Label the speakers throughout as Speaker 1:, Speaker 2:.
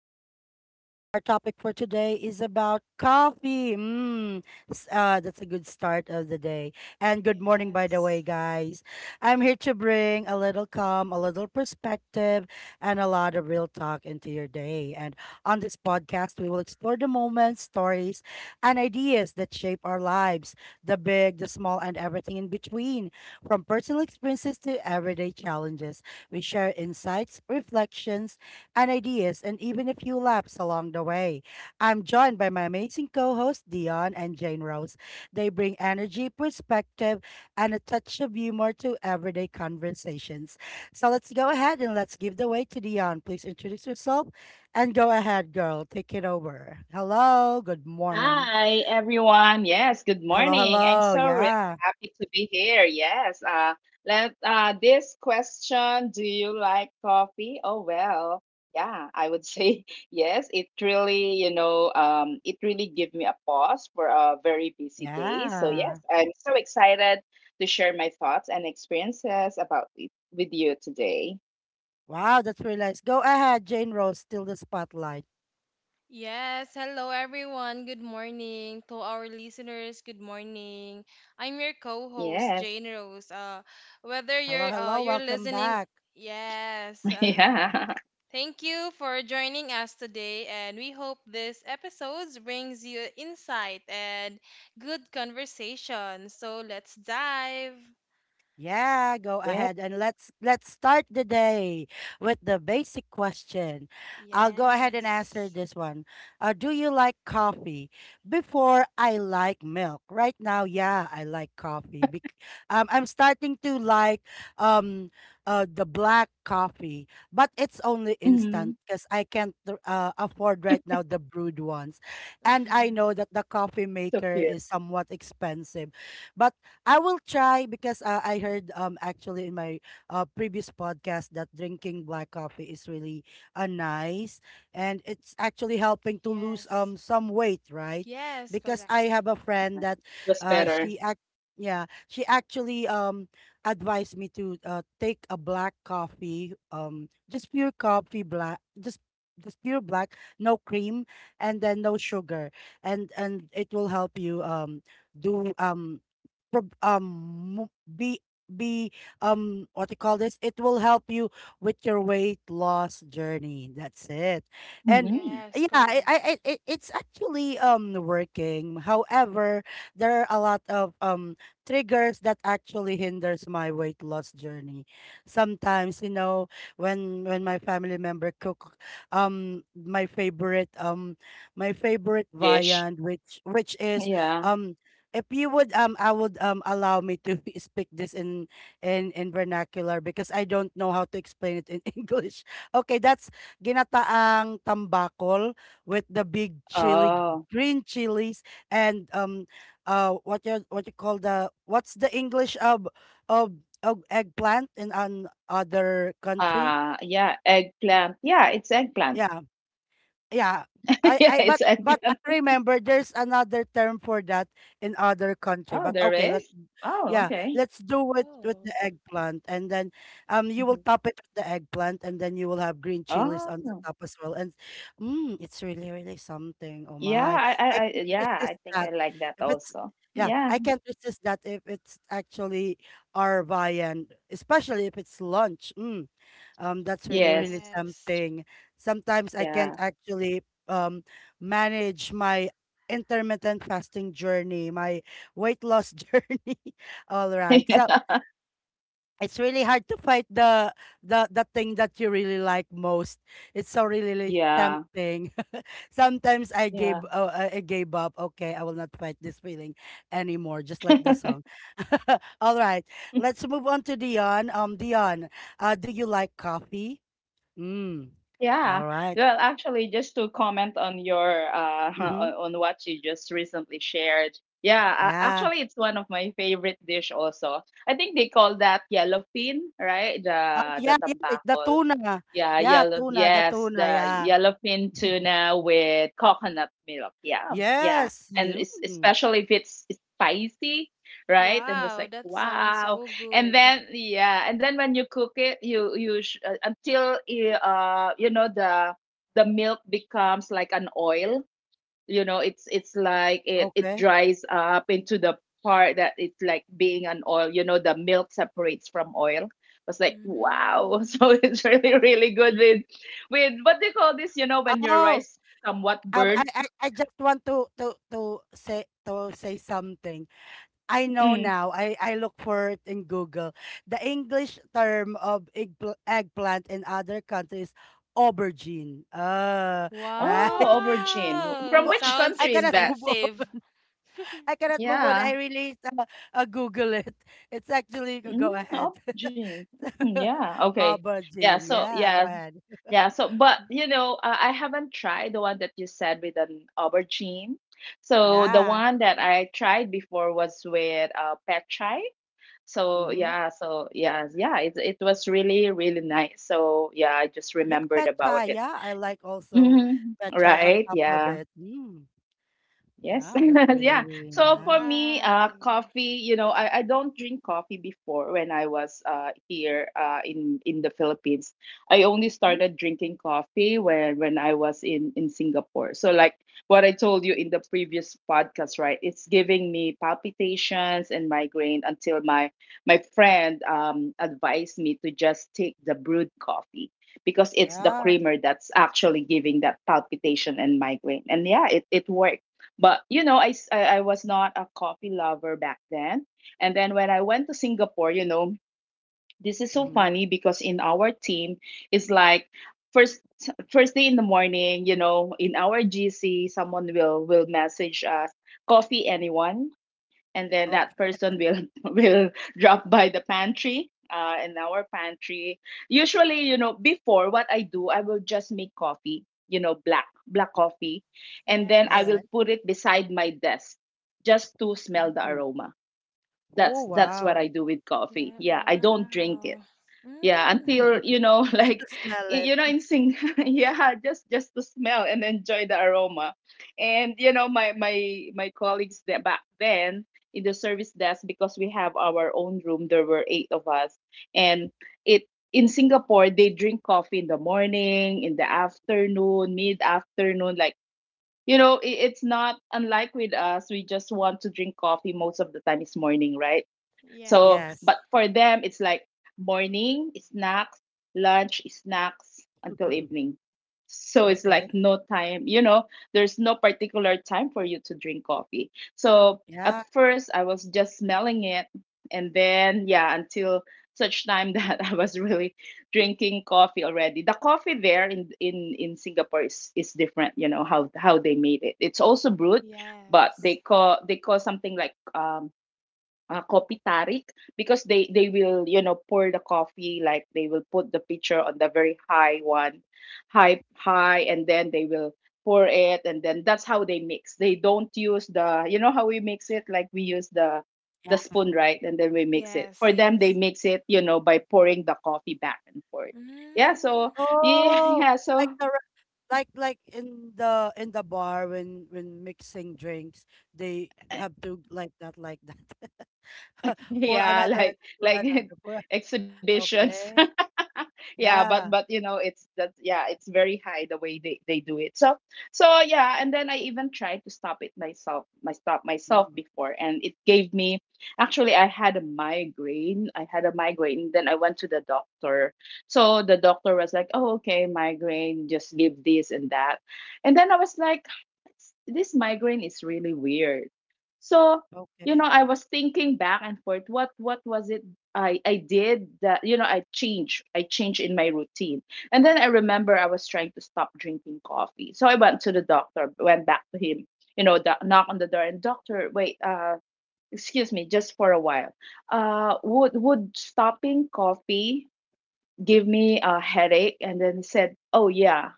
Speaker 1: with Lisa. Our topic for today is about coffee. Mm, that's a good start of the day. And good
Speaker 2: Okay.
Speaker 1: morning, by the way, guys. I'm here to bring a little calm, a little perspective, and a lot of real talk into your day. And on this podcast, we will explore the moments, stories, and ideas that shape our lives, the big, the small, and everything in between, from personal experiences to everyday challenges. We share insights, reflections, and ideas, and even a few laughs along the way. I'm joined by my amazing co hosts, Dion and Jane Rose. They bring energy, perspective, and a touch of humor to everyday conversations. So let's go ahead and let's give the way to Dion. Please introduce yourself and go ahead, girl. Take it over. Hello, good morning.
Speaker 3: Hi, everyone. Yes, good
Speaker 1: Hello,
Speaker 3: morning. I'm
Speaker 1: hello.
Speaker 3: so really
Speaker 1: Yeah,
Speaker 3: happy to be here. Yes. Let This question, do you like coffee? Oh, well, yeah, I would say yes. It really, it really gave me a pause for a very busy day. So yes,
Speaker 1: yeah.
Speaker 3: I'm so excited to share my thoughts and experiences about it with you today.
Speaker 1: Wow, that's really nice. Go ahead, Jane Rose, steal the spotlight.
Speaker 2: Yes, hello everyone. Good morning to our listeners. Good morning. I'm your co-host
Speaker 3: Yes.
Speaker 2: Jane Rose. Uh, whether
Speaker 1: Hello,
Speaker 2: you're uh
Speaker 1: hello,
Speaker 2: you're
Speaker 1: welcome
Speaker 2: listening,
Speaker 1: back.
Speaker 2: yes. Uh-huh.
Speaker 3: Yeah.
Speaker 2: Thank you for joining us today, and we hope this episode brings you insight and good conversation. So let's dive.
Speaker 1: Yeah, go
Speaker 3: Yeah.
Speaker 1: ahead and let's start the day with the basic question. I'll go ahead
Speaker 2: Yes.
Speaker 1: and answer this one. Do you like coffee? Before I like milk. Right now, yeah, I like coffee. I'm starting to like um the black coffee, but it's only
Speaker 3: Mhm.
Speaker 1: instant because I can't afford right now the brewed ones, and I know that the coffee
Speaker 3: So
Speaker 1: maker
Speaker 3: cute.
Speaker 1: is somewhat expensive. But I will try because I heard actually in my previous podcast that drinking black coffee is really nice, and it's actually helping to lose
Speaker 2: Yes.
Speaker 1: some weight, right?
Speaker 2: Yes.
Speaker 1: Because I
Speaker 2: Correct.
Speaker 1: have a friend that
Speaker 3: Was better.
Speaker 1: she act yeah, she actually advised me to take a black coffee, just pure coffee black, just pure black, no cream, and then no sugar, and it will help you do prob- mo- be what do you call this, it will help you with your weight loss journey, that's it. And
Speaker 3: Hmm.
Speaker 2: Yes.
Speaker 1: yeah, I,
Speaker 2: Correct.
Speaker 1: I I- it, it's actually working. However, there are a lot of triggers that actually hinders my weight loss journey sometimes, you know, when my family member cook my favorite, my favorite
Speaker 3: Dish.
Speaker 1: viand, which is
Speaker 3: Yeah.
Speaker 1: um if you would I would allow me to speak this in in vernacular because I don't know how to explain it in English. Okay, that's ginataang tambakol with the big
Speaker 3: Oh.
Speaker 1: green chilies and what you call the, what's the English of of of eggplant in an other country?
Speaker 3: Ah, yeah, eggplant. Yeah, it's eggplant.
Speaker 1: Yeah, yeah, i
Speaker 3: Yeah,
Speaker 1: i but
Speaker 3: it's
Speaker 1: but I
Speaker 3: eggplant.
Speaker 1: remember there's another term for that in other country,
Speaker 3: Oh,
Speaker 1: but
Speaker 3: there
Speaker 1: okay, let's,
Speaker 3: is? Oh,
Speaker 1: yeah,
Speaker 3: okay.
Speaker 1: let's do it with the
Speaker 2: Oh.
Speaker 1: eggplant. And then you will
Speaker 3: Mhm.
Speaker 1: top it with the eggplant and then you will have green chilies on the
Speaker 3: Oh.
Speaker 1: top as well. And mm, it's really really something, oh
Speaker 3: Yeah,
Speaker 1: my,
Speaker 3: I,
Speaker 1: I
Speaker 3: I, I,
Speaker 1: can't
Speaker 3: yeah,
Speaker 1: resist
Speaker 3: I think
Speaker 1: that
Speaker 3: I like that
Speaker 1: if it's,
Speaker 3: also.
Speaker 1: yeah,
Speaker 3: Yeah.
Speaker 1: I can't resist that if it's actually our viand, especially if it's lunch. Mm, that's really really
Speaker 3: Yes.
Speaker 2: Yes.
Speaker 1: tempting. Sometimes I can't
Speaker 3: Yeah.
Speaker 1: actually um manage my intermittent fasting journey, my weight loss journey. All right. So
Speaker 3: Yeah.
Speaker 1: it's really hard to fight the the thing that you really like most. It's so really really
Speaker 3: Yeah.
Speaker 1: tempting. Sometimes
Speaker 3: Yeah.
Speaker 1: I gave up. Okay, I will not fight this feeling anymore, just like the song. All right. Let's move on to Dion. Dion, do you like coffee? Mm.
Speaker 3: Yeah,
Speaker 1: All right.
Speaker 3: well, actually, just to comment on your
Speaker 1: Mhm.
Speaker 3: on what you just recently shared. Yeah,
Speaker 1: Yeah.
Speaker 3: actually, it's one of my favorite dish also. I think they call that yellowfin, right?
Speaker 1: Oh,
Speaker 3: The
Speaker 1: yeah,
Speaker 3: the
Speaker 1: yeah, it the
Speaker 3: tambakol.
Speaker 1: tuna.
Speaker 3: Yeah,
Speaker 1: Yeah,
Speaker 3: yellow.
Speaker 1: tuna, the
Speaker 3: Yes,
Speaker 1: tuna,
Speaker 3: the
Speaker 1: yeah.
Speaker 3: yellowfin tuna with coconut milk. Yeah, yeah.
Speaker 1: Yes,
Speaker 3: And it's,
Speaker 1: you.
Speaker 3: especially if it's, it's spicy, right? And was
Speaker 2: Wow,
Speaker 3: like,
Speaker 2: that sounds
Speaker 3: wow.
Speaker 2: so
Speaker 3: And
Speaker 2: good.
Speaker 3: then yeah, and then when you cook it, you sh- until I- you know the milk becomes like an oil, you know it's like it
Speaker 1: Okay.
Speaker 3: dries up into the part that it's like being an oil, you know the milk separates from oil. I was like wow.
Speaker 2: Mm.
Speaker 3: So it's really good with what do you call this, you know, when your
Speaker 1: Oh,
Speaker 3: rice somewhat
Speaker 1: um, I,
Speaker 3: burnt.
Speaker 1: I, I just want to say, to say something. I know
Speaker 3: Mm.
Speaker 1: now. I look for it in Google. The English term of eggplant in other countries, aubergine. Right?
Speaker 3: Oh aubergine,
Speaker 1: Move
Speaker 3: from
Speaker 2: Wow,
Speaker 1: on.
Speaker 3: which
Speaker 2: sounds
Speaker 1: I
Speaker 3: country is
Speaker 1: cannot
Speaker 3: that?
Speaker 1: move on.
Speaker 2: expensive.
Speaker 1: I cannot move on. I
Speaker 3: Yeah.
Speaker 1: really Google it. It's actually, go
Speaker 3: Mm,
Speaker 1: ahead.
Speaker 3: aubergine. Mm, yeah, okay. Yeah,
Speaker 1: Aubergine.
Speaker 3: so
Speaker 1: Yeah, go
Speaker 3: yeah.
Speaker 1: ahead.
Speaker 3: Yeah, so but you know, I haven't tried the one that you said with an aubergine. So the
Speaker 1: Yeah.
Speaker 3: one that I tried before was with pad thai. So
Speaker 1: Mm-hmm.
Speaker 3: yeah, so yeah, yeah, it was really nice. So yeah, I just
Speaker 1: Yeah,
Speaker 3: remembered
Speaker 1: pet
Speaker 3: about
Speaker 1: chai.
Speaker 3: it.
Speaker 1: Yeah, I like also
Speaker 3: Hmm.
Speaker 1: pet chai on
Speaker 3: Right?
Speaker 1: top of
Speaker 3: Yeah.
Speaker 1: it. Mm.
Speaker 3: Yes,
Speaker 1: Wow, that's really,
Speaker 3: yeah.
Speaker 1: really
Speaker 3: So for
Speaker 1: nice.
Speaker 3: me,
Speaker 2: Wow.
Speaker 3: coffee. You know, I don't drink coffee before when I was here in the Philippines. I only
Speaker 1: Mm.
Speaker 3: started drinking coffee when I was in Singapore. So like what I told you in the previous podcast, right? It's giving me palpitations and migraine until my friend advised me to just take the brewed coffee because it's the
Speaker 1: Yeah.
Speaker 3: creamer that's actually giving that palpitation and migraine. And yeah, it worked, but you know, I was not a coffee lover back then. And then when I went to Singapore, you know, this is so
Speaker 1: Mm-hmm.
Speaker 3: funny because in our team it's like first first day in the morning, you know, in our GC, someone will message us, coffee anyone? And then that
Speaker 1: Okay.
Speaker 3: person will will drop by the pantry in our pantry. Usually, you know, before, what I do, I will just make coffee, you know, black coffee, and
Speaker 2: Yeah,
Speaker 3: then
Speaker 1: All
Speaker 3: I will
Speaker 1: right.
Speaker 3: put it beside my desk just to smell the
Speaker 1: Mm-hmm.
Speaker 3: aroma.
Speaker 1: Oh,
Speaker 3: That's what
Speaker 1: wow.
Speaker 3: I do with coffee.
Speaker 2: yeah,
Speaker 3: Yeah, I don't drink
Speaker 2: wow.
Speaker 3: it. Yeah,
Speaker 2: Mm.
Speaker 3: until you know
Speaker 1: Has to
Speaker 3: like
Speaker 1: smell
Speaker 3: y-
Speaker 1: it.
Speaker 3: you know in sing yeah, just to smell and enjoy the aroma. And you know my colleagues that back then in the service desk, because we have our own room, there were eight of us. And it, in Singapore, they drink coffee in the morning, in the afternoon, mid afternoon, like you know, it's not, unlike with us, we just want to drink coffee most of the time, it's morning, right?
Speaker 2: Yeah,
Speaker 3: So,
Speaker 1: Yes.
Speaker 3: but for them, it's like morning snacks, lunch snacks until evening. So it's like
Speaker 1: Okay.
Speaker 3: no time, you know, there's no particular time for you to drink coffee. So
Speaker 1: Yeah.
Speaker 3: at first, I was just smelling it. And then, yeah, until such time that I was really drinking coffee already. The coffee there in Singapore is different, you know, how they made it. It's also brewed, but
Speaker 2: yes,
Speaker 3: they call, they call something like coffee tarik, because they will, you know, pour the coffee, like they will put the pitcher on the very high one, high, high, and then they will pour it, and then that's how they mix. They don't use the, you know how we mix it, like we use the
Speaker 1: Yeah.
Speaker 3: spoon, right, and then we mix it. For
Speaker 2: yeah.
Speaker 3: them, they mix it, you know, by pouring the coffee back and forth. Yeah,
Speaker 2: Mm.
Speaker 3: so yeah,
Speaker 1: Oh,
Speaker 3: yeah so
Speaker 1: like the, like in the bar when mixing drinks, they have to like that, like that. for
Speaker 3: yeah
Speaker 1: another and for
Speaker 3: like
Speaker 1: another for a-
Speaker 3: exhibitions.
Speaker 1: okay,
Speaker 3: Yeah, but
Speaker 1: yeah,
Speaker 3: you know it's that, yeah, it's very high the way they do it. So so yeah, and then I even tried to stop it myself, my stop myself
Speaker 1: mm,
Speaker 3: before, and it gave me actually, I had a migraine. I had a migraine, then I went to the doctor. So the doctor was like, oh okay, migraine, just give this and that. And then I was like, this migraine is really weird. So you know,
Speaker 1: okay,
Speaker 3: I was thinking back and forth, what was it I did that, you know. I changed, I changed in my routine. And then I remember I was trying to stop drinking coffee, so I went to the doctor, went back to him, you know, the, knock on the door, and doctor, wait, excuse me just for a while, would stopping coffee give me a headache? And then he said, oh yeah.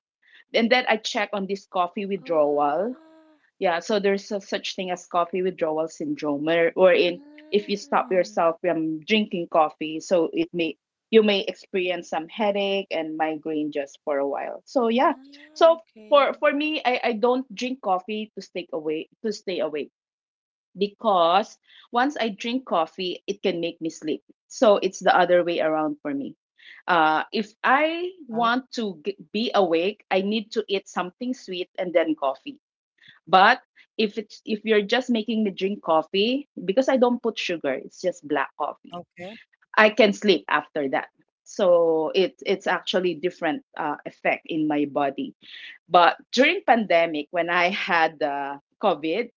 Speaker 3: And then I checked on this coffee withdrawal.
Speaker 2: Oh,
Speaker 3: Yeah, so there's a such thing as coffee withdrawal syndrome, where wherein if you stop
Speaker 2: mm.
Speaker 3: yourself from drinking coffee, so it may, you may experience some headache and migraine just for a while. So yeah,
Speaker 2: Ah,
Speaker 3: so
Speaker 2: okay.
Speaker 3: for me, I don't drink coffee to stay away, to stay awake, because once I drink coffee, it can make me sleep. So it's the other way around for me. If I
Speaker 1: right,
Speaker 3: want to be awake, I need to eat something sweet and then coffee. But if it's, if you're just making me drink coffee, because I don't put sugar, it's just black coffee,
Speaker 1: okay,
Speaker 3: I can sleep after that. So it's actually different effect in my body. But during pandemic when I had COVID,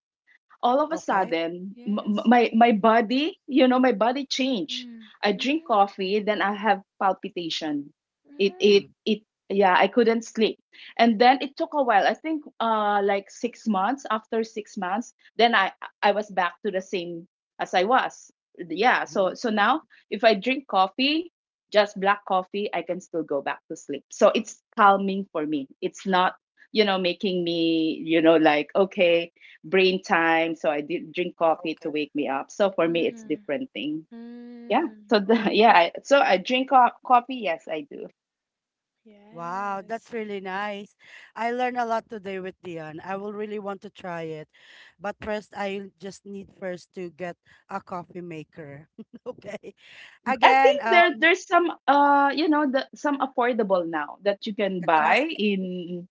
Speaker 3: all of a
Speaker 1: okay,
Speaker 3: sudden
Speaker 2: Yes.
Speaker 3: my my body, you know, my body changed.
Speaker 2: Mm.
Speaker 3: I drink
Speaker 2: Mm.
Speaker 3: coffee, then I have palpitation. it
Speaker 2: Mm.
Speaker 3: it
Speaker 1: mm,
Speaker 3: it yeah, I couldn't sleep. And then it took a while. I think like 6 months, after 6 months, then I was back to the same as I was. Yeah, so
Speaker 1: hmm,
Speaker 3: so now if I drink coffee, just black coffee, I can still go back to sleep, so it's calming for me. It's not, you know, making me, you know, like, okay, brain time. So I did drink coffee to
Speaker 1: okay,
Speaker 3: wake me up. So for me, it's
Speaker 2: Mm.
Speaker 3: different thing. Yeah.
Speaker 2: Mm.
Speaker 3: So the,
Speaker 1: oh
Speaker 3: yeah. So I drink coffee. Yes, I do.
Speaker 1: wow, that's
Speaker 2: Yes.
Speaker 1: really nice. I learned a lot today with Dion. I will really want to try it, but first I just need first to get a coffee maker. Okay,
Speaker 3: I think
Speaker 1: again,
Speaker 3: there there's some you know, the some affordable now that you can
Speaker 1: the
Speaker 3: buy
Speaker 1: class
Speaker 3: in,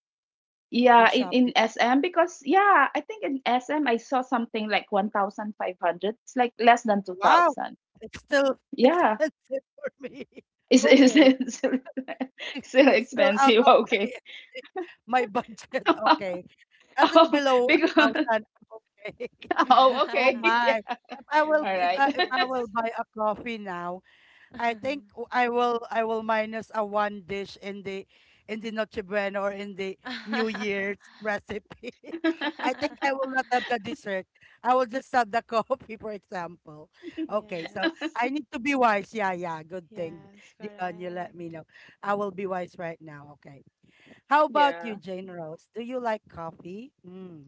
Speaker 1: in
Speaker 3: yeah, in
Speaker 1: Shopee, like,
Speaker 3: SM. Because yeah, I think in SM I saw something like 1,500. It's like less than two
Speaker 1: wow,
Speaker 3: thousand.
Speaker 1: it's still
Speaker 3: Yeah.
Speaker 1: expensive for me.
Speaker 3: Is is
Speaker 1: Okay,
Speaker 3: is still
Speaker 1: it's still out
Speaker 3: expensive?
Speaker 1: of my
Speaker 3: Okay.
Speaker 1: my budget. Okay, at least
Speaker 3: Oh,
Speaker 1: below a
Speaker 3: because
Speaker 1: thousand. Okay.
Speaker 3: oh,
Speaker 1: Oh
Speaker 3: okay. Yeah.
Speaker 1: my. If I will
Speaker 3: All
Speaker 1: if
Speaker 3: right.
Speaker 1: I, if I
Speaker 2: Yes.
Speaker 1: will buy a coffee now, I think I will minus a one dish in the Noche Buena, or in the New Year's recipe. I think I will not have the dessert. I will just have the coffee, for example. Okay, so
Speaker 2: Yes.
Speaker 1: I need to be wise. Yeah, yeah, good thing,
Speaker 2: Yes,
Speaker 1: Dion, you let
Speaker 2: correct.
Speaker 1: me know. I will be wise right now. Okay. How about you,
Speaker 3: Yeah.
Speaker 1: Jane Rose? Do you like coffee? Mm.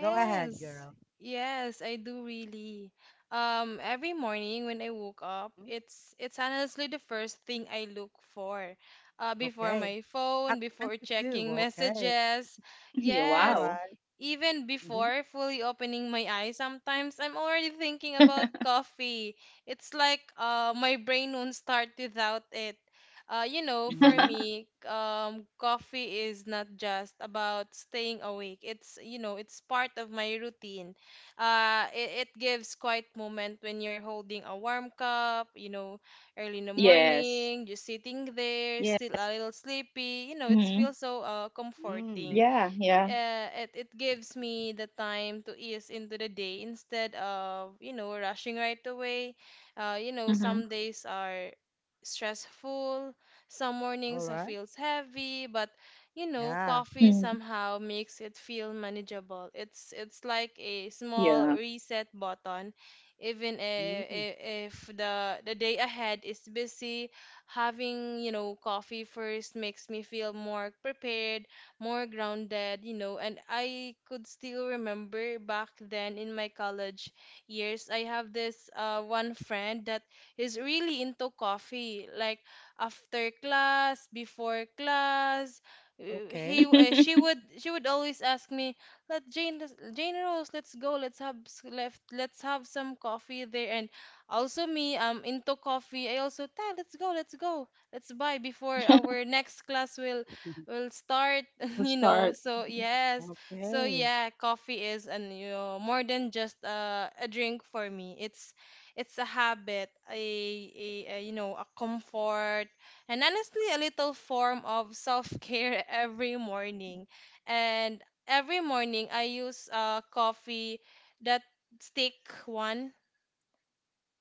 Speaker 1: Go ahead, girl.
Speaker 2: Yes, I do really. Every morning when I woke up,
Speaker 1: Mm,
Speaker 2: it's honestly the first thing I look for. Before
Speaker 1: okay.
Speaker 2: my phone,
Speaker 1: At
Speaker 2: before
Speaker 1: 22.
Speaker 2: checking
Speaker 1: Okay.
Speaker 2: messages.
Speaker 3: Yeah.
Speaker 1: All
Speaker 2: Yes,
Speaker 1: right.
Speaker 3: Wow.
Speaker 2: even
Speaker 1: Mm-hmm.
Speaker 2: before fully opening my eyes, sometimes I'm already thinking about coffee. It's like my brain won't start without it. You know, for
Speaker 1: Mm-hmm.
Speaker 2: me, coffee is not just about staying awake. It's, you know, it's part of my routine. It gives quiet moment when you're holding a warm cup, you know, early in the
Speaker 3: Yes.
Speaker 2: morning, just sitting
Speaker 3: Yeah.
Speaker 2: there still a little sleepy, you know,
Speaker 3: Hmm.
Speaker 2: it feels so
Speaker 1: Mm.
Speaker 2: comforting.
Speaker 3: Yeah. Yeah.
Speaker 2: It gives me the time to ease into the day instead of, you know, rushing right away. You know,
Speaker 3: Hmm.
Speaker 2: some days are stressful. Some
Speaker 1: All
Speaker 2: mornings
Speaker 1: right.
Speaker 2: feels heavy, but you know
Speaker 1: Yeah.
Speaker 3: Mm.
Speaker 2: coffee somehow makes it feel manageable. It's like a
Speaker 3: Yeah.
Speaker 2: small reset button even
Speaker 1: Mm.
Speaker 2: if the day ahead is busy, having, you know, coffee first makes me feel more prepared, more grounded, you know. And I could still remember back then in my college years, I have this one friend that is really into coffee. Like after class, before class, uh, he
Speaker 1: Okay.
Speaker 2: she would always ask me, "Let Jane Jane Rose, let's go. Let's have s- left. Let's have some coffee there." And also me, into coffee. I also, "Ta, let's go, let's go, let's buy before our next class will we'll start,"
Speaker 3: We'll
Speaker 2: you
Speaker 3: start.
Speaker 2: know. So yes, so
Speaker 1: Okay.
Speaker 2: yeah, coffee is, and you know, more than just a drink for me. It's a habit, a you know, a comfort and honestly a little form of self-care every morning. And every morning I use coffee, that stick one.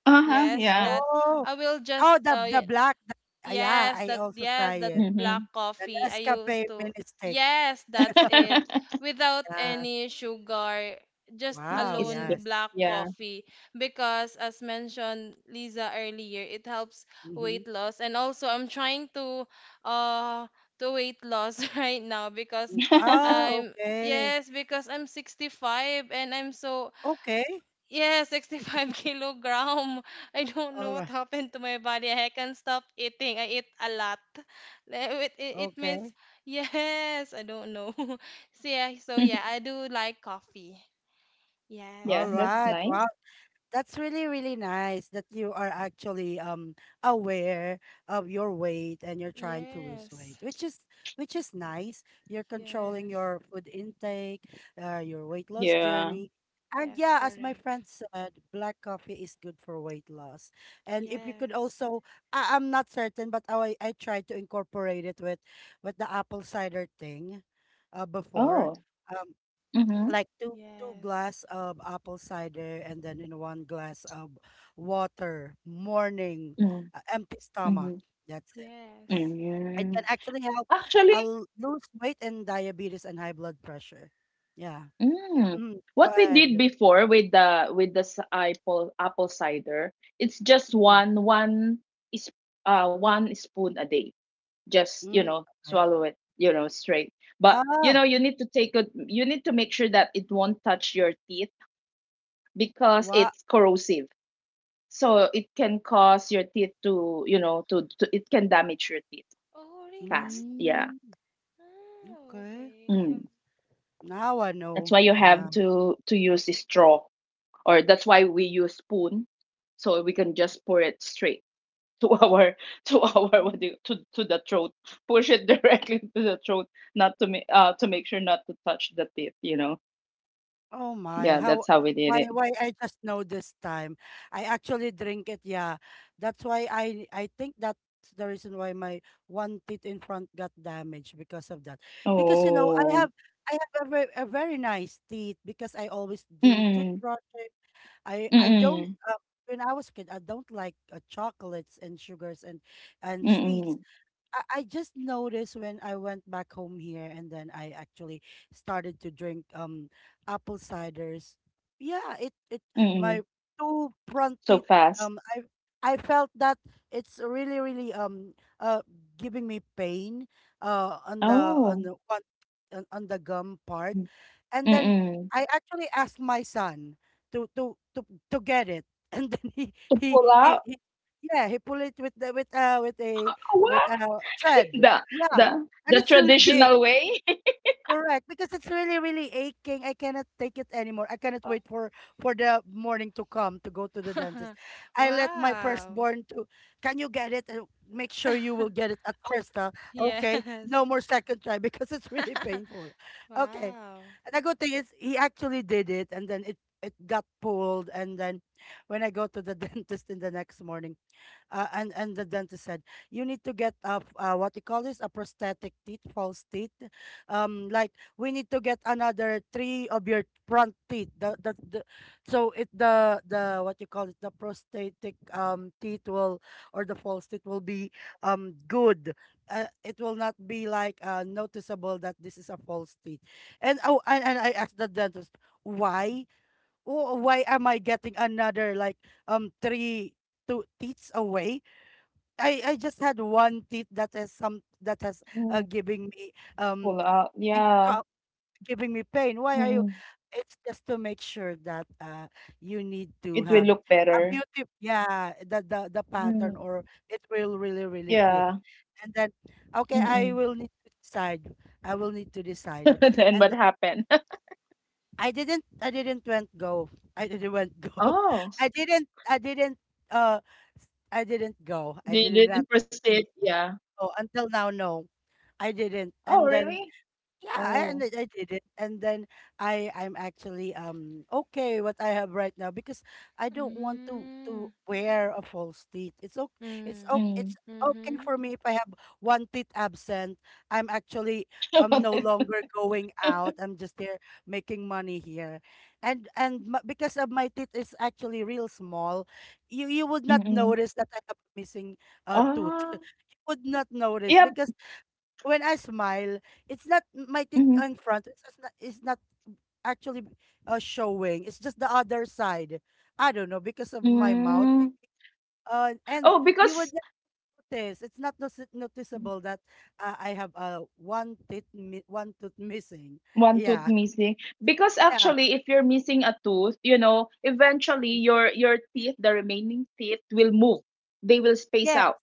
Speaker 3: Uh huh.
Speaker 2: Yes,
Speaker 3: Yeah.
Speaker 2: that
Speaker 1: Oh,
Speaker 2: I will just
Speaker 1: oh, the black. Yeah,
Speaker 2: yes,
Speaker 1: I
Speaker 2: that,
Speaker 1: also
Speaker 2: yes,
Speaker 1: try
Speaker 2: that
Speaker 1: it.
Speaker 2: black
Speaker 3: Hmm.
Speaker 1: The
Speaker 2: coffee I used
Speaker 1: Nescafe
Speaker 2: to.
Speaker 1: mini stick.
Speaker 2: Yes, that's it. Without
Speaker 1: Yeah.
Speaker 2: any sugar, just
Speaker 3: Yeah.
Speaker 1: Wow.
Speaker 3: It's good.
Speaker 2: alone
Speaker 1: Yes.
Speaker 2: black
Speaker 3: Yeah.
Speaker 2: coffee, because as mentioned Lisa earlier, it helps
Speaker 1: Mm-hmm.
Speaker 2: weight loss. And also I'm trying uh to weight loss right now because
Speaker 1: Oh,
Speaker 2: I'm,
Speaker 1: okay.
Speaker 2: yes, because I'm 65 and I'm so,
Speaker 1: Okay.
Speaker 2: yeah, 65 kilogram. I don't know
Speaker 1: All
Speaker 2: what
Speaker 1: right.
Speaker 2: happened to my body. I can't stop eating. I eat a lot. Like, it means,
Speaker 1: Okay.
Speaker 2: yes, I don't know. So yeah, so yeah, I do like coffee.
Speaker 3: yeah.
Speaker 1: All
Speaker 2: Yes.
Speaker 3: That's
Speaker 1: right. Wow.
Speaker 3: nice.
Speaker 1: That's really, really nice that you are actually aware of your weight and you're trying to lose weight,
Speaker 2: Yes.
Speaker 1: which is, which is nice. You're controlling
Speaker 2: Yes.
Speaker 1: your food intake, your weight loss
Speaker 3: Yeah.
Speaker 1: journey. And
Speaker 2: Yes,
Speaker 1: yeah, as my
Speaker 2: correct.
Speaker 1: friend said, black coffee is good for weight loss. And if you could
Speaker 2: Yes.
Speaker 1: also, I, I'm not certain, but I tried to incorporate it with the apple cider thing, before.
Speaker 3: Oh.
Speaker 1: Um,
Speaker 3: Mm-hmm.
Speaker 1: like two two
Speaker 2: Yes.
Speaker 1: glass of apple cider, and then in one glass of water morning,
Speaker 3: Mm-hmm.
Speaker 1: empty stomach, that's it,
Speaker 2: Yes.
Speaker 1: it
Speaker 3: Mm-hmm.
Speaker 1: can actually help
Speaker 3: Actually,
Speaker 1: l- lose weight and diabetes and high blood pressure, yeah.
Speaker 3: Mm.
Speaker 1: Mm, go
Speaker 3: What we did
Speaker 1: ahead.
Speaker 3: before with the apple cider, it's just
Speaker 1: Mhm.
Speaker 3: one, is one spoon a day. Just, you
Speaker 1: Mm,
Speaker 3: know,
Speaker 1: okay.
Speaker 3: swallow it, you know, straight. But you
Speaker 1: Ah,
Speaker 3: know, you need to take it. You need to make sure that it won't touch your teeth, because
Speaker 1: what?
Speaker 3: it's corrosive. So it can cause your teeth to, you know, to, it can damage your teeth
Speaker 2: Oh, really?
Speaker 3: fast. Yeah.
Speaker 1: Mm,
Speaker 2: Oh,
Speaker 1: okay,
Speaker 2: okay. I
Speaker 3: Mm.
Speaker 1: now I
Speaker 3: That's
Speaker 1: know,
Speaker 3: why you
Speaker 1: yeah.
Speaker 3: have to use a straw, or that's why we use spoon, so we can just pour it straight to our to our, what do you, to the throat, push it directly to the throat, not to make to make sure not to touch the teeth, you know.
Speaker 1: Oh my,
Speaker 3: Yeah,
Speaker 1: how
Speaker 3: that's how we did
Speaker 1: why
Speaker 3: it.
Speaker 1: why I just know this time. I actually drink it, yeah. That's why I think that's the reason why my one teeth in front got damaged because of that. Because you know, I
Speaker 3: Oh.
Speaker 1: have, I have a, ve- a very nice teeth because I always do
Speaker 3: Mm
Speaker 1: toothbrushing.
Speaker 3: mm
Speaker 1: I don't
Speaker 3: mm
Speaker 1: when I was a kid, I don't like chocolates and sugars
Speaker 3: mm
Speaker 1: and
Speaker 3: mm mm
Speaker 1: sweets. I just noticed when I went back home here and then I actually started to drink apple ciders. Yeah, it
Speaker 3: mm.
Speaker 1: my two front
Speaker 3: So
Speaker 1: teeth,
Speaker 3: fast.
Speaker 1: um I I felt that it's really really uh giving me pain on
Speaker 3: Oh.
Speaker 1: the one, on the gum part.
Speaker 3: Mm
Speaker 1: And then
Speaker 3: mm.
Speaker 1: I actually asked my son to to get it and then he
Speaker 3: To
Speaker 1: he
Speaker 3: pull
Speaker 1: he,
Speaker 3: out.
Speaker 1: he yeah, he pulled it with the, with a,
Speaker 3: Oh,
Speaker 1: with
Speaker 3: what,
Speaker 1: a tread.
Speaker 3: the
Speaker 1: Yeah.
Speaker 3: the
Speaker 1: And
Speaker 3: the
Speaker 1: it's really big.
Speaker 3: traditional way.
Speaker 1: Correct. Because it's really, really aching. I cannot take it anymore. I cannot wait for the morning to come, to go to the dentist.
Speaker 2: have.
Speaker 1: I let my
Speaker 2: Wow.
Speaker 1: firstborn to, can you get it? Make sure you will get it at first, huh? Okay.
Speaker 2: Yes.
Speaker 1: No more second try because it's really painful. Okay.
Speaker 2: Wow.
Speaker 1: And the good thing is he actually did it, and then it got pulled, and then when I go to the dentist in the next morning, and the dentist said you need to get a what you call this, a prosthetic teeth, false teeth, like we need to get another three of your front teeth, the so it, the what you call it, the prosthetic teeth will, or the false teeth will be good, it will not be like noticeable that this is a false teeth. And oh, and I asked the dentist why. Why am I getting another like 3, 2 teeth away? I just had one teeth that is some that has
Speaker 3: Mm,
Speaker 1: giving me um
Speaker 3: pull out,
Speaker 1: it
Speaker 3: yeah.
Speaker 1: ca- giving me pain. Why are you?
Speaker 3: Mm.
Speaker 1: It's just to make sure that you need to
Speaker 3: It will
Speaker 1: have
Speaker 3: look
Speaker 1: a
Speaker 3: better.
Speaker 1: beauty. Yeah, the
Speaker 3: Mm,
Speaker 1: pattern, or it will really really fit.
Speaker 3: yeah,
Speaker 1: And then, okay, I
Speaker 3: mm-mm.
Speaker 1: will need to decide. I will need to decide.
Speaker 3: Then
Speaker 1: And
Speaker 3: what
Speaker 1: then
Speaker 3: happened?
Speaker 1: I didn't, I didn't went go. I didn't went go.
Speaker 3: Oh,
Speaker 1: I didn't I didn't uh. s- I didn't go. I
Speaker 3: they
Speaker 1: didn't
Speaker 3: didn't proceed. Yeah.
Speaker 1: Oh, until now, no, I didn't.
Speaker 3: Oh,
Speaker 1: And then
Speaker 3: really?
Speaker 1: yeah, I-
Speaker 3: Oh,
Speaker 1: and I did it, and then I'm actually okay what I have right now because I don't want to
Speaker 2: Mm.
Speaker 1: wear a false teeth. It's okay. It's okay.
Speaker 2: Mm.
Speaker 3: mm.
Speaker 1: It's okay
Speaker 2: Mm-hmm.
Speaker 1: for me if I have one teeth absent. I'm actually no longer going out. I'm just there making money here, and m because of my teeth is actually real small, you would not
Speaker 3: Mm-mm.
Speaker 1: notice that I have missing a tooth.
Speaker 3: Ah,
Speaker 1: You would not notice
Speaker 3: yeah.
Speaker 1: because when I smile, it's not my teeth
Speaker 3: Mm-hmm.
Speaker 1: in front. It's just not, it's not actually showing. It's just the other side. I don't know because of my mouth.
Speaker 3: Mm.
Speaker 1: And
Speaker 3: Oh,
Speaker 1: you would
Speaker 3: because
Speaker 1: notice it's not notice- noticeable that I have one tooth missing.
Speaker 3: One tooth
Speaker 1: Yeah,
Speaker 3: missing. Because
Speaker 1: yeah,
Speaker 3: actually if you're missing a tooth, you know, eventually your teeth, the remaining teeth will move. They will space
Speaker 1: yeah,
Speaker 3: out.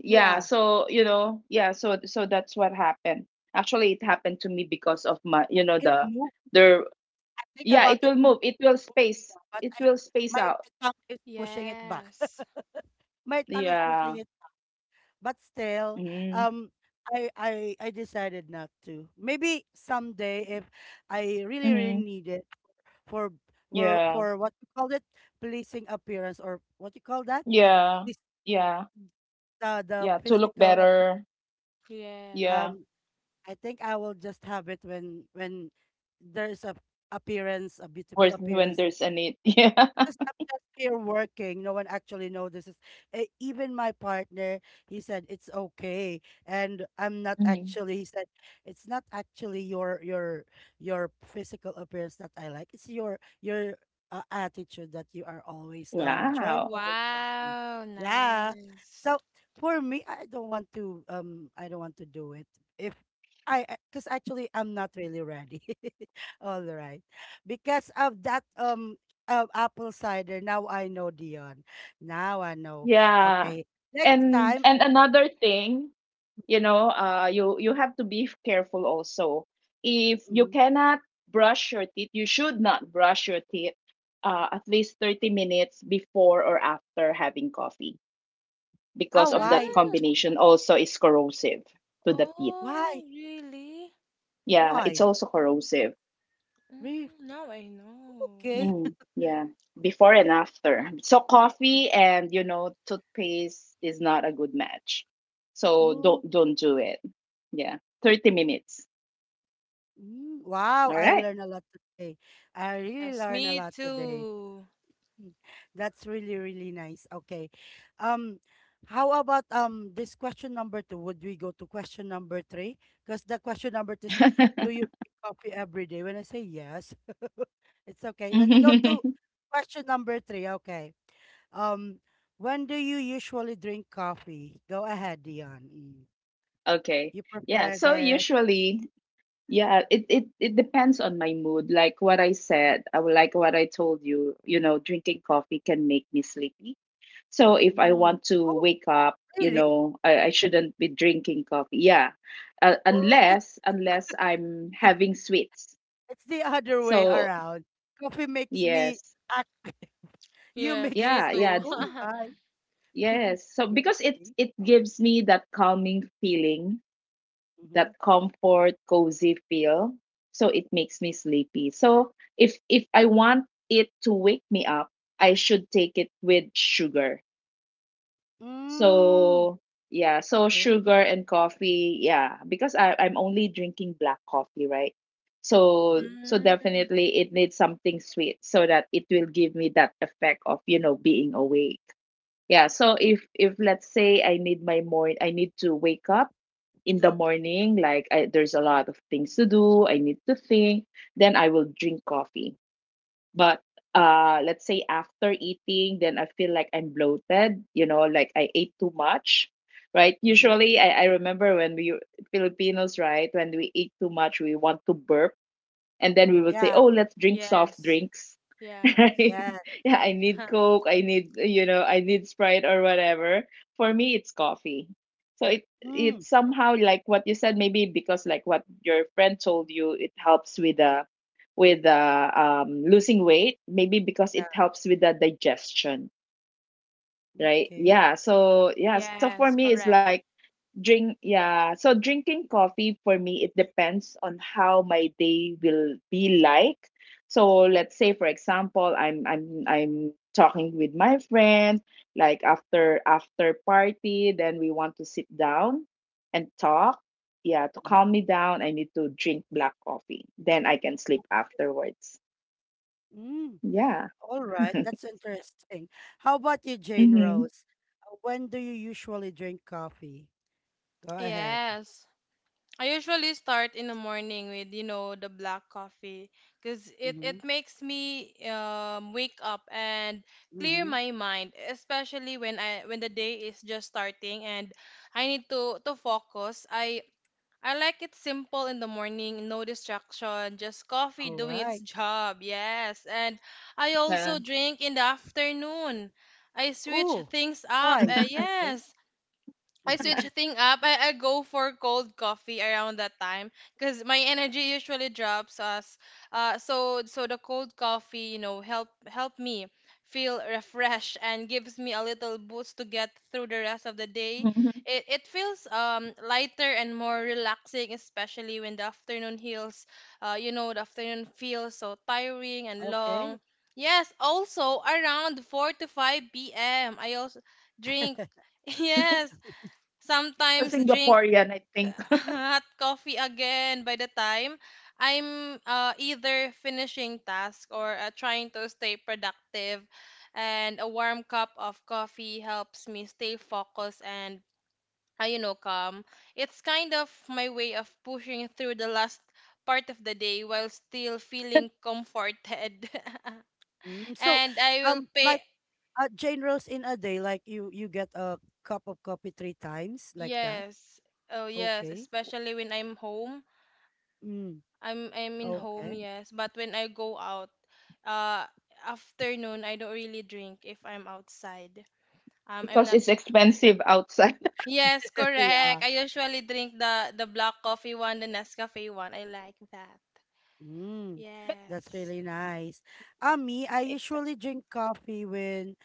Speaker 3: Yeah,
Speaker 1: yeah.
Speaker 3: so you know, yeah, so so that's what happened. Actually it happened to me because of my, you know,
Speaker 1: It
Speaker 3: the
Speaker 1: moved.
Speaker 3: the
Speaker 1: I think
Speaker 3: yeah, it
Speaker 1: about it,
Speaker 3: will
Speaker 1: m-
Speaker 3: move, it will space,
Speaker 1: yeah, but
Speaker 3: it
Speaker 1: I
Speaker 3: will space
Speaker 1: my,
Speaker 3: out.
Speaker 1: tongue is pushing it back.
Speaker 2: Yes.
Speaker 1: My tongue is
Speaker 3: Yeah.
Speaker 1: pushing it. But still
Speaker 3: Mm-hmm.
Speaker 1: um I I decided not to. Maybe someday if I really really
Speaker 3: Mm-hmm.
Speaker 1: need it for
Speaker 3: Yeah,
Speaker 1: for what you call it, pleasing appearance, or what you call that, the
Speaker 3: yeah,
Speaker 1: this
Speaker 3: yeah,
Speaker 1: the
Speaker 3: yeah, to look
Speaker 1: physical appearance.
Speaker 3: better.
Speaker 2: Yes.
Speaker 3: Yeah.
Speaker 1: um I think I will just have it when there's a appearance, a
Speaker 3: when
Speaker 1: beautiful
Speaker 3: when
Speaker 1: appearance.
Speaker 3: there's a need. Yeah.
Speaker 1: Because I'm just here working. No one actually notices. Even my partner, he said it's okay, and I'm not
Speaker 3: Hmm.
Speaker 1: actually. He said it's not actually your your physical appearance that I like. It's your attitude that you are always
Speaker 3: Wow.
Speaker 1: joyful and jolly.
Speaker 2: Wow,
Speaker 1: Yeah.
Speaker 2: nice.
Speaker 1: So for me, I don't want to I don't want to do it if. I, because actually I'm not really ready. All right, because of that of apple cider. Now I know, Dion. Now I know.
Speaker 3: Yeah,
Speaker 1: Okay. Next
Speaker 3: and
Speaker 1: time.
Speaker 3: and another thing, you you have to be careful also. If you
Speaker 1: Mhm.
Speaker 3: cannot brush your teeth, you should not brush your teeth at least 30 minutes before or after having coffee,
Speaker 1: Ah,
Speaker 3: because of that
Speaker 1: why?
Speaker 2: Mm.
Speaker 3: combination, also is corrosive to the teeth.
Speaker 1: Why?
Speaker 2: Oh, really?
Speaker 3: Yeah, it's
Speaker 1: Why?
Speaker 3: also corrosive.
Speaker 1: Really?
Speaker 2: Mm, now I know.
Speaker 1: Okay.
Speaker 3: Mm, yeah. Before and after. So coffee and, you know, toothpaste is not a good match, so don't
Speaker 1: Okay.
Speaker 3: don't do it. Yeah, 30 minutes.
Speaker 1: Mm, wow,
Speaker 3: All
Speaker 1: I
Speaker 3: right.
Speaker 1: learned a lot today. I really
Speaker 2: Yes,
Speaker 1: learned a
Speaker 2: me
Speaker 1: lot today.
Speaker 2: too.
Speaker 1: Mm. That's really, really nice. Okay. Um, how about this question number two? Would we go to question number three? Because the question number two is, do you drink coffee every day? When I say yes, it's okay. Let's go to question number three. Okay. Um, when do you usually drink coffee? Go ahead, Dion. Mm.
Speaker 3: Okay.
Speaker 1: You
Speaker 3: Yeah.
Speaker 1: preferred
Speaker 3: So
Speaker 1: it.
Speaker 3: usually, yeah, it depends on my mood. Like what I said, like what I told you, you know, drinking coffee can make me sleepy. So if I
Speaker 1: Mm.
Speaker 3: want to
Speaker 1: Oh,
Speaker 3: wake up, you
Speaker 1: really?
Speaker 3: know, I shouldn't be drinking coffee. Yeah.
Speaker 1: Oh, it's
Speaker 3: Unless
Speaker 1: it's
Speaker 3: unless I'm having sweets.
Speaker 1: it's the other way
Speaker 3: So
Speaker 1: around. Coffee makes me
Speaker 3: yes.
Speaker 1: act. You
Speaker 2: Yes,
Speaker 1: makes you
Speaker 2: me
Speaker 3: Yeah,
Speaker 1: sleep.
Speaker 2: too.
Speaker 3: yeah,
Speaker 1: Oh, why?
Speaker 3: yes. So
Speaker 1: Very.
Speaker 3: because it gives me that calming feeling,
Speaker 1: Mm-hmm.
Speaker 3: that comfort, cozy feel. So it makes me sleepy. So if I want it to wake me up, I should take it with sugar.
Speaker 1: Mm.
Speaker 3: So yeah, so
Speaker 1: Okay.
Speaker 3: sugar and coffee, yeah, because I'm only drinking black coffee, right? So
Speaker 1: Mm-hmm.
Speaker 3: so
Speaker 2: Mm,
Speaker 3: definitely it needs something sweet so that it will give me that effect of, you know, being awake. Yeah, so if let's say I need my morning, I need to wake up in the morning, like there's a lot of things to do, I need to think, then I will drink coffee. But let's say after eating, then I feel like I'm bloated, you know, like I ate too much, right?
Speaker 1: Mm-hmm.
Speaker 3: Usually, I remember when we Filipinos, right, when we eat too much, we want to burp, and then we would say,
Speaker 1: Yeah.
Speaker 3: oh, let's drink soft
Speaker 2: yes.
Speaker 3: drinks.
Speaker 2: Yeah.
Speaker 3: Right.
Speaker 1: Yeah.
Speaker 3: Yeah, I need Coke, I need, you know, I need Sprite or whatever. For me, it's coffee. So it
Speaker 1: Mm.
Speaker 3: it's somehow like what you said, maybe because, like what your friend told you, it helps with the with losing weight, maybe because
Speaker 1: Yeah.
Speaker 3: it helps with the digestion, right?
Speaker 1: Okay.
Speaker 3: Yeah, so yeah, so for
Speaker 2: Yes,
Speaker 3: me it's
Speaker 2: correct.
Speaker 3: like drink, yeah. So drinking coffee for me, it depends on how my day will be like. So let's say, for example, I'm talking with my friends, like after party, then we want to sit down and talk. Yeah, to calm me down, I need to drink black coffee. Then I can sleep afterwards.
Speaker 1: Mm.
Speaker 3: Yeah.
Speaker 1: All right. That's interesting. How about you, Jane
Speaker 3: Mm-hmm.
Speaker 1: Rose? When do you usually drink coffee? Go ahead.
Speaker 2: Yes. I usually start in the morning with, you know, the black coffee because it
Speaker 1: Mm-hmm.
Speaker 2: it makes me wake up and clear
Speaker 1: Mm-hmm.
Speaker 2: my mind, especially when I when the day is just starting and I need to focus. I like it simple in the morning, no distraction, just coffee
Speaker 1: All
Speaker 2: doing its
Speaker 1: right.
Speaker 2: job. Yes, and I
Speaker 3: Yeah.
Speaker 2: also drink in the afternoon. I switch
Speaker 1: Oh,
Speaker 2: things up.
Speaker 1: twice. Okay.
Speaker 2: Yes, I switch thing up. I go for cold coffee around that time because my energy usually drops us. So so the cold coffee, you know, help me feel refreshed and gives me a little boost to get through the rest of the day.
Speaker 3: Hmm.
Speaker 2: It feels lighter and more relaxing, especially when the afternoon heals. You know, the afternoon feels so tiring and long.
Speaker 1: Okay.
Speaker 2: Yes, also around 4 to 5 p.m. I also drink. Yes,
Speaker 3: It's a
Speaker 2: sometimes drink
Speaker 3: Singaporean, I think.
Speaker 2: hot coffee again by the time I'm either finishing task or trying to stay productive. And a warm cup of coffee helps me stay focused and, you know, calm. It's kind of my way of pushing through the last part of the day while still feeling comforted.
Speaker 1: Mm, so,
Speaker 2: And I will
Speaker 1: like
Speaker 2: pay,
Speaker 1: Jane Rose in a day, like you get a cup of coffee three times, like that.
Speaker 2: yes, oh, yes,
Speaker 1: Okay.
Speaker 2: especially when I'm home.
Speaker 1: Mm,
Speaker 2: I'm in home,
Speaker 1: okay.
Speaker 2: yes. But when I go out, uh, afternoon I don't really drink if I'm outside. I'm
Speaker 3: Because
Speaker 2: not.
Speaker 3: it's expensive outside.
Speaker 2: Yes,
Speaker 1: Yeah.
Speaker 2: correct. I usually drink the black coffee one, the Nescafe one. I like that.
Speaker 1: Mm, that's
Speaker 2: Yes.
Speaker 1: really nice. Me, I usually drink coffee when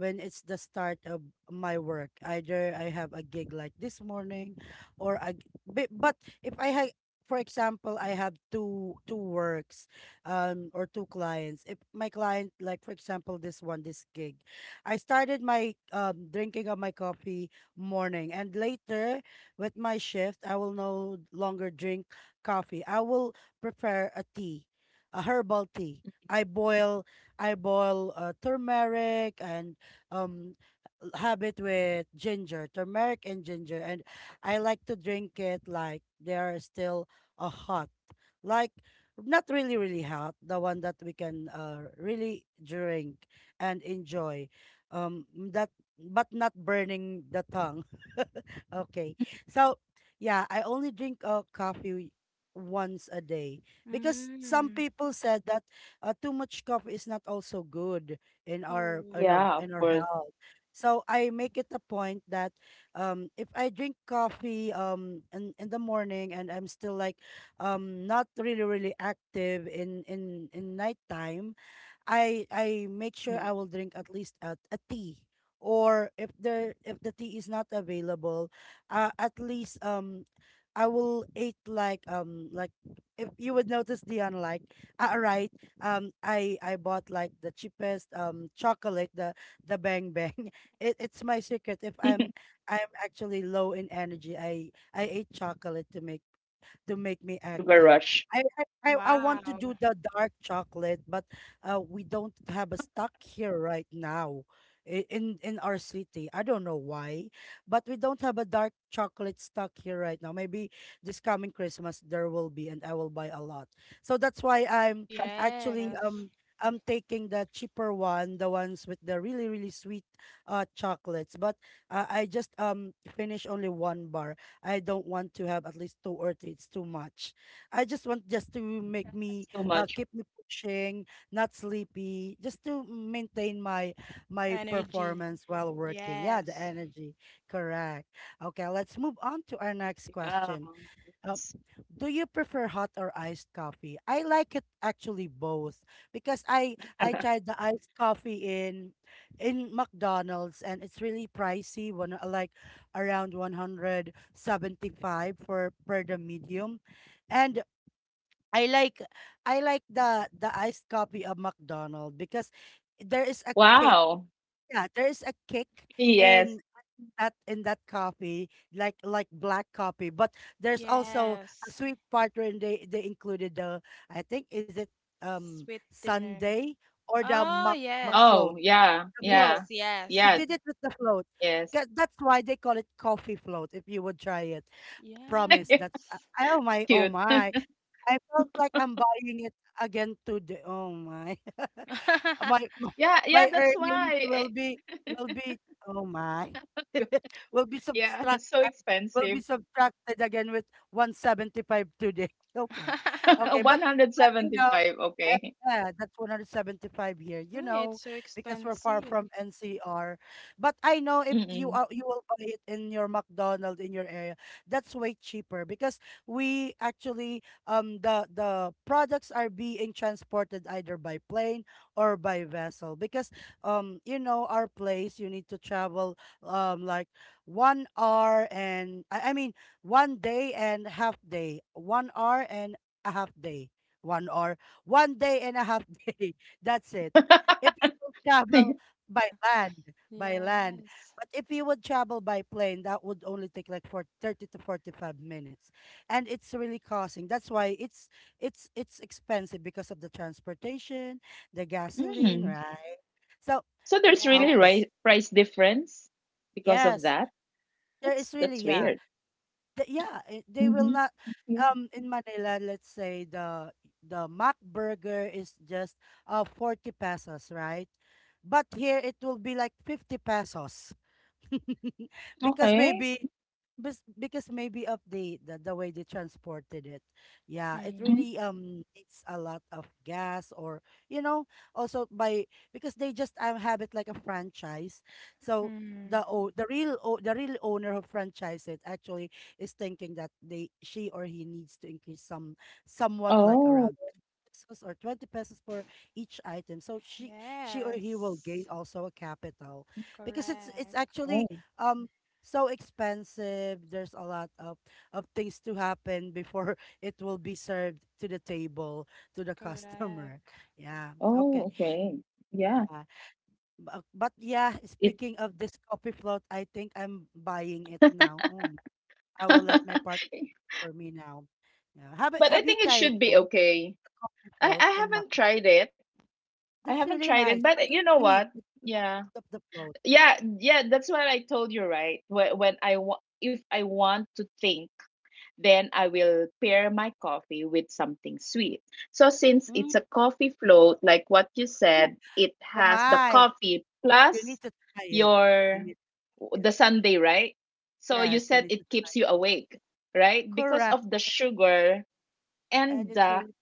Speaker 1: it's the start of my work. Either I have a gig like this morning or I but if I have for example, I have two works or two clients. If my client like for example this gig, I started my drinking of my coffee morning and later with my shift I will no longer drink coffee. I will prepare a tea, a herbal tea. I boil I boil turmeric and um have it with ginger, turmeric and ginger, and I like to drink it like they are still hot, like not really really hot, the one that we can really drink and enjoy, um that but not burning the tongue. Okay. So, yeah, I only drink coffee once a day because some
Speaker 2: Mm.
Speaker 1: people said that too much coffee is not also good in our in
Speaker 2: Oh,
Speaker 1: our
Speaker 3: Yeah,
Speaker 1: in
Speaker 3: of
Speaker 1: our
Speaker 3: course.
Speaker 1: health. So I make it a point that if I drink coffee in the morning and I'm still like not really really active in in nighttime I make
Speaker 3: Mm.
Speaker 1: sure I will drink at least a tea or if there if the tea is not available at least I will eat like if you would notice, Dion, like right I bought like the cheapest chocolate, the bang bang. It, it's my secret if I'm actually low in energy. I ate chocolate to make me active.
Speaker 3: Sugar rush.
Speaker 1: I
Speaker 2: wow.
Speaker 1: want to
Speaker 3: Yeah.
Speaker 1: do the dark chocolate, but we don't have a stock here right now in our city. I don't know why, but we don't have a dark chocolate stock here right now. Maybe this coming Christmas there will be, and I will buy a lot. So that's why I'm actually
Speaker 2: Yes.
Speaker 1: I'm taking the cheaper one, the ones with the really, really sweet chocolates. But I just finished only one bar. I don't want to have at least two or three. It's too much. I just want just to make
Speaker 3: So
Speaker 1: me
Speaker 3: much.
Speaker 1: keep me pushing, not sleepy, just to maintain my my
Speaker 2: Energy.
Speaker 1: performance while working. Yeah,
Speaker 2: Yes.
Speaker 1: the energy. Correct. Okay, let's move on to our
Speaker 3: Yeah.
Speaker 1: next question.
Speaker 3: Yes.
Speaker 1: Uh, do you prefer hot or iced coffee? I like it actually both because I tried the iced coffee in McDonald's and it's really pricey one, like around 175 for per the medium. And I like I like the iced coffee of McDonald's because there is a kick,
Speaker 3: Wow.
Speaker 1: yeah, there's a kick in
Speaker 3: Yes.
Speaker 1: in that coffee, like black coffee. But there's also a
Speaker 2: Yes.
Speaker 1: sweet part where they included the I think is it
Speaker 2: Sweet dinner.
Speaker 1: sundae or the
Speaker 2: Oh,
Speaker 1: muck
Speaker 2: yes.
Speaker 1: float.
Speaker 3: Oh, yeah.
Speaker 1: The
Speaker 2: Yes,
Speaker 1: float.
Speaker 3: Yeah.
Speaker 2: yes.
Speaker 1: They
Speaker 3: Yeah.
Speaker 1: did it with the float.
Speaker 3: Yes.
Speaker 1: That's why they call it coffee float. If you would try it, promise.
Speaker 2: Yes.
Speaker 1: That's oh my, oh
Speaker 3: Cute.
Speaker 1: my. I felt like I'm buying it again today. Oh my. My my
Speaker 3: Yeah. Yeah.
Speaker 1: my
Speaker 3: That's
Speaker 1: earnings
Speaker 3: why. Eh,
Speaker 1: will be will be oh my. Will be
Speaker 3: yeah.
Speaker 1: subtracted,
Speaker 3: So
Speaker 1: will be
Speaker 3: expensive.
Speaker 1: subtracted again with 175 today. Okay. Okay, but you know,
Speaker 3: 175.
Speaker 1: yeah,
Speaker 3: Okay.
Speaker 1: yeah, that's 175 here, you
Speaker 2: Mm,
Speaker 1: know,
Speaker 2: it's so
Speaker 1: because we're far
Speaker 2: expensive.
Speaker 1: from NCR. But I know if you
Speaker 3: Mm-mm.
Speaker 1: are you will buy it in your McDonald's in your area, that's way cheaper because we actually the products are being transported either by plane or by vessel because you know our place you need to travel like 1 hour and I mean one day and half day, 1 hour and a half day, 1 hour, one day and a half day, that's it, if you will travel by
Speaker 2: Huh.
Speaker 1: land by
Speaker 2: Yeah.
Speaker 1: land. But if you would travel by plane, that would only take like for 30 to 45 minutes and it's really costing, that's why it's expensive because of the transportation, the gasoline,
Speaker 3: Mm.
Speaker 1: right? So
Speaker 3: So there's
Speaker 1: ah,
Speaker 2: Yeah.
Speaker 3: really
Speaker 1: okay,
Speaker 3: price difference because of
Speaker 1: yes,
Speaker 3: that.
Speaker 1: there is really,
Speaker 3: That's
Speaker 1: yeah,
Speaker 3: weird.
Speaker 1: the, yeah, eh, they will
Speaker 3: Mm-hmm.
Speaker 1: not
Speaker 3: Yeah.
Speaker 1: in manila let's say the mac burger is just 40 pesos, right? But here it will be like 50 pesos. Because
Speaker 3: Okay.
Speaker 1: maybe because maybe of the way they transported it, yeah it
Speaker 3: Mm.
Speaker 2: Mm.
Speaker 1: really needs a lot of gas, or you know, also by because they just have it like a franchise, so
Speaker 2: Mm.
Speaker 1: the o- the real owner who franchise it actually is thinking that they she or he needs to increase some somewhat like
Speaker 3: Oh.
Speaker 1: around pesos or 20 pesos for each item. So she or he will gain
Speaker 2: Yes.
Speaker 1: also a capital because it's
Speaker 2: Correct.
Speaker 3: Oh.
Speaker 1: actually um so expensive. There's a lot of things to happen before it will be served to the table, to the customer.
Speaker 2: Correct.
Speaker 1: Yeah.
Speaker 3: Oh,
Speaker 1: Okay.
Speaker 3: okay. Yeah.
Speaker 1: Uh, but yeah,
Speaker 3: It
Speaker 1: speaking of this coffee float, I think I'm buying it now. Oh, I will let my partner for me now. Yeah.
Speaker 3: but I
Speaker 1: Have you
Speaker 3: think it
Speaker 1: tried it,
Speaker 3: should be
Speaker 1: guys?
Speaker 3: okay.
Speaker 1: The coffee float
Speaker 3: I
Speaker 1: in Mac?
Speaker 3: haven't tried it. I
Speaker 1: That's
Speaker 3: haven't
Speaker 1: really
Speaker 3: tried it,
Speaker 1: nice.
Speaker 3: but
Speaker 1: What
Speaker 3: you
Speaker 1: is
Speaker 3: know
Speaker 1: sweet
Speaker 3: what?
Speaker 1: because
Speaker 3: Yeah.
Speaker 1: of the float?
Speaker 3: Yeah, yeah, that's what I told you, right? When I want, if I want to think, then I will pair my coffee with something sweet. So since it's
Speaker 1: Mm.
Speaker 3: a coffee float, like what you said, it
Speaker 1: Oh
Speaker 3: has the
Speaker 1: my.
Speaker 3: coffee
Speaker 1: You
Speaker 3: plus
Speaker 1: need to try it. You
Speaker 3: your
Speaker 1: need to try
Speaker 3: the
Speaker 1: it.
Speaker 3: sundae, right? So you
Speaker 1: Yes, you
Speaker 3: said
Speaker 1: need
Speaker 3: it
Speaker 1: to try.
Speaker 3: keeps you awake, right? Because
Speaker 1: Correct.
Speaker 3: of the sugar
Speaker 1: And
Speaker 3: and
Speaker 1: it's
Speaker 3: the
Speaker 1: really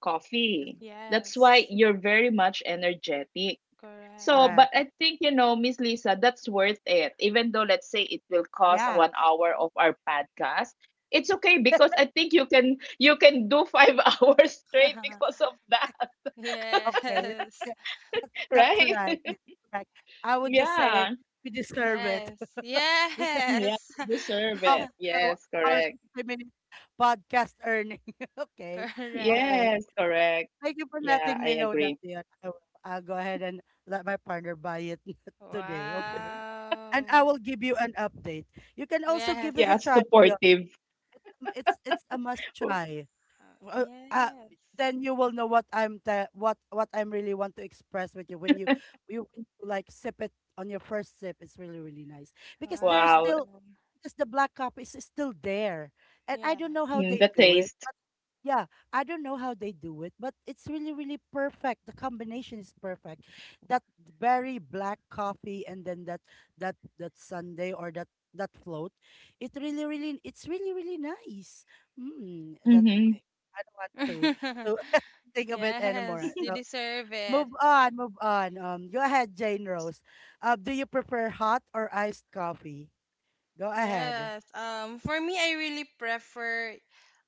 Speaker 1: delicious.
Speaker 3: coffee. That's
Speaker 2: Yes.
Speaker 3: why you're very much energetic. So,
Speaker 2: Correct.
Speaker 3: but
Speaker 1: Correct.
Speaker 3: I think, you know, Miss Lisa, that's worth it. Even though, let's say, it will cost
Speaker 1: Yeah.
Speaker 3: 1 hour of our podcast, it's okay because I think you can do five hours straight because of that.
Speaker 1: Okay.
Speaker 2: Yes.
Speaker 1: That, that's
Speaker 3: Right?
Speaker 1: right. Yeah, correct. I would just say it.
Speaker 3: Yeah,
Speaker 1: We deserve it.
Speaker 2: Yes.
Speaker 1: we, can,
Speaker 3: yeah,
Speaker 2: Yes.
Speaker 3: you
Speaker 1: we
Speaker 3: deserve
Speaker 1: can offer
Speaker 3: it.
Speaker 1: our,
Speaker 3: Yes,
Speaker 1: our
Speaker 3: correct.
Speaker 1: 60-minute podcast earning. Okay.
Speaker 2: Correct.
Speaker 1: Okay.
Speaker 3: Yes, correct.
Speaker 1: Thank you for
Speaker 3: Yeah,
Speaker 1: letting me
Speaker 3: I
Speaker 1: know that,
Speaker 3: agree.
Speaker 1: Dion. I'll go ahead and let my partner buy it today, okay? And
Speaker 2: Wow.
Speaker 1: I will give you an update. You can also give it
Speaker 2: Yes.
Speaker 1: a
Speaker 3: Yeah,
Speaker 1: try, Dion.
Speaker 3: supportive.
Speaker 1: It's it's a must try. Uh, uh,
Speaker 2: Yes.
Speaker 1: then you will know what what I'm really want to express with you when you when you, like sip it on your first sip. It's really really nice because there's
Speaker 3: Wow.
Speaker 2: Wow.
Speaker 1: still, because the black cup is still there, and I
Speaker 2: Yeah.
Speaker 1: don't know how
Speaker 3: Mm,
Speaker 1: they
Speaker 3: the
Speaker 1: do it.
Speaker 3: taste.
Speaker 1: Yeah, I don't know how they do it, but it's really, really perfect. The combination is perfect. That very black coffee and then that sundae or that float. It really, really, it's really, really nice. Mm, that
Speaker 3: Hmm.
Speaker 1: okay. I don't want to to think of it anymore.
Speaker 2: Yes. You
Speaker 1: So
Speaker 2: deserve it.
Speaker 1: move on, move on. Go ahead, Jane Rose. Do you prefer hot or iced coffee? Go ahead.
Speaker 2: Yes. For me, I really prefer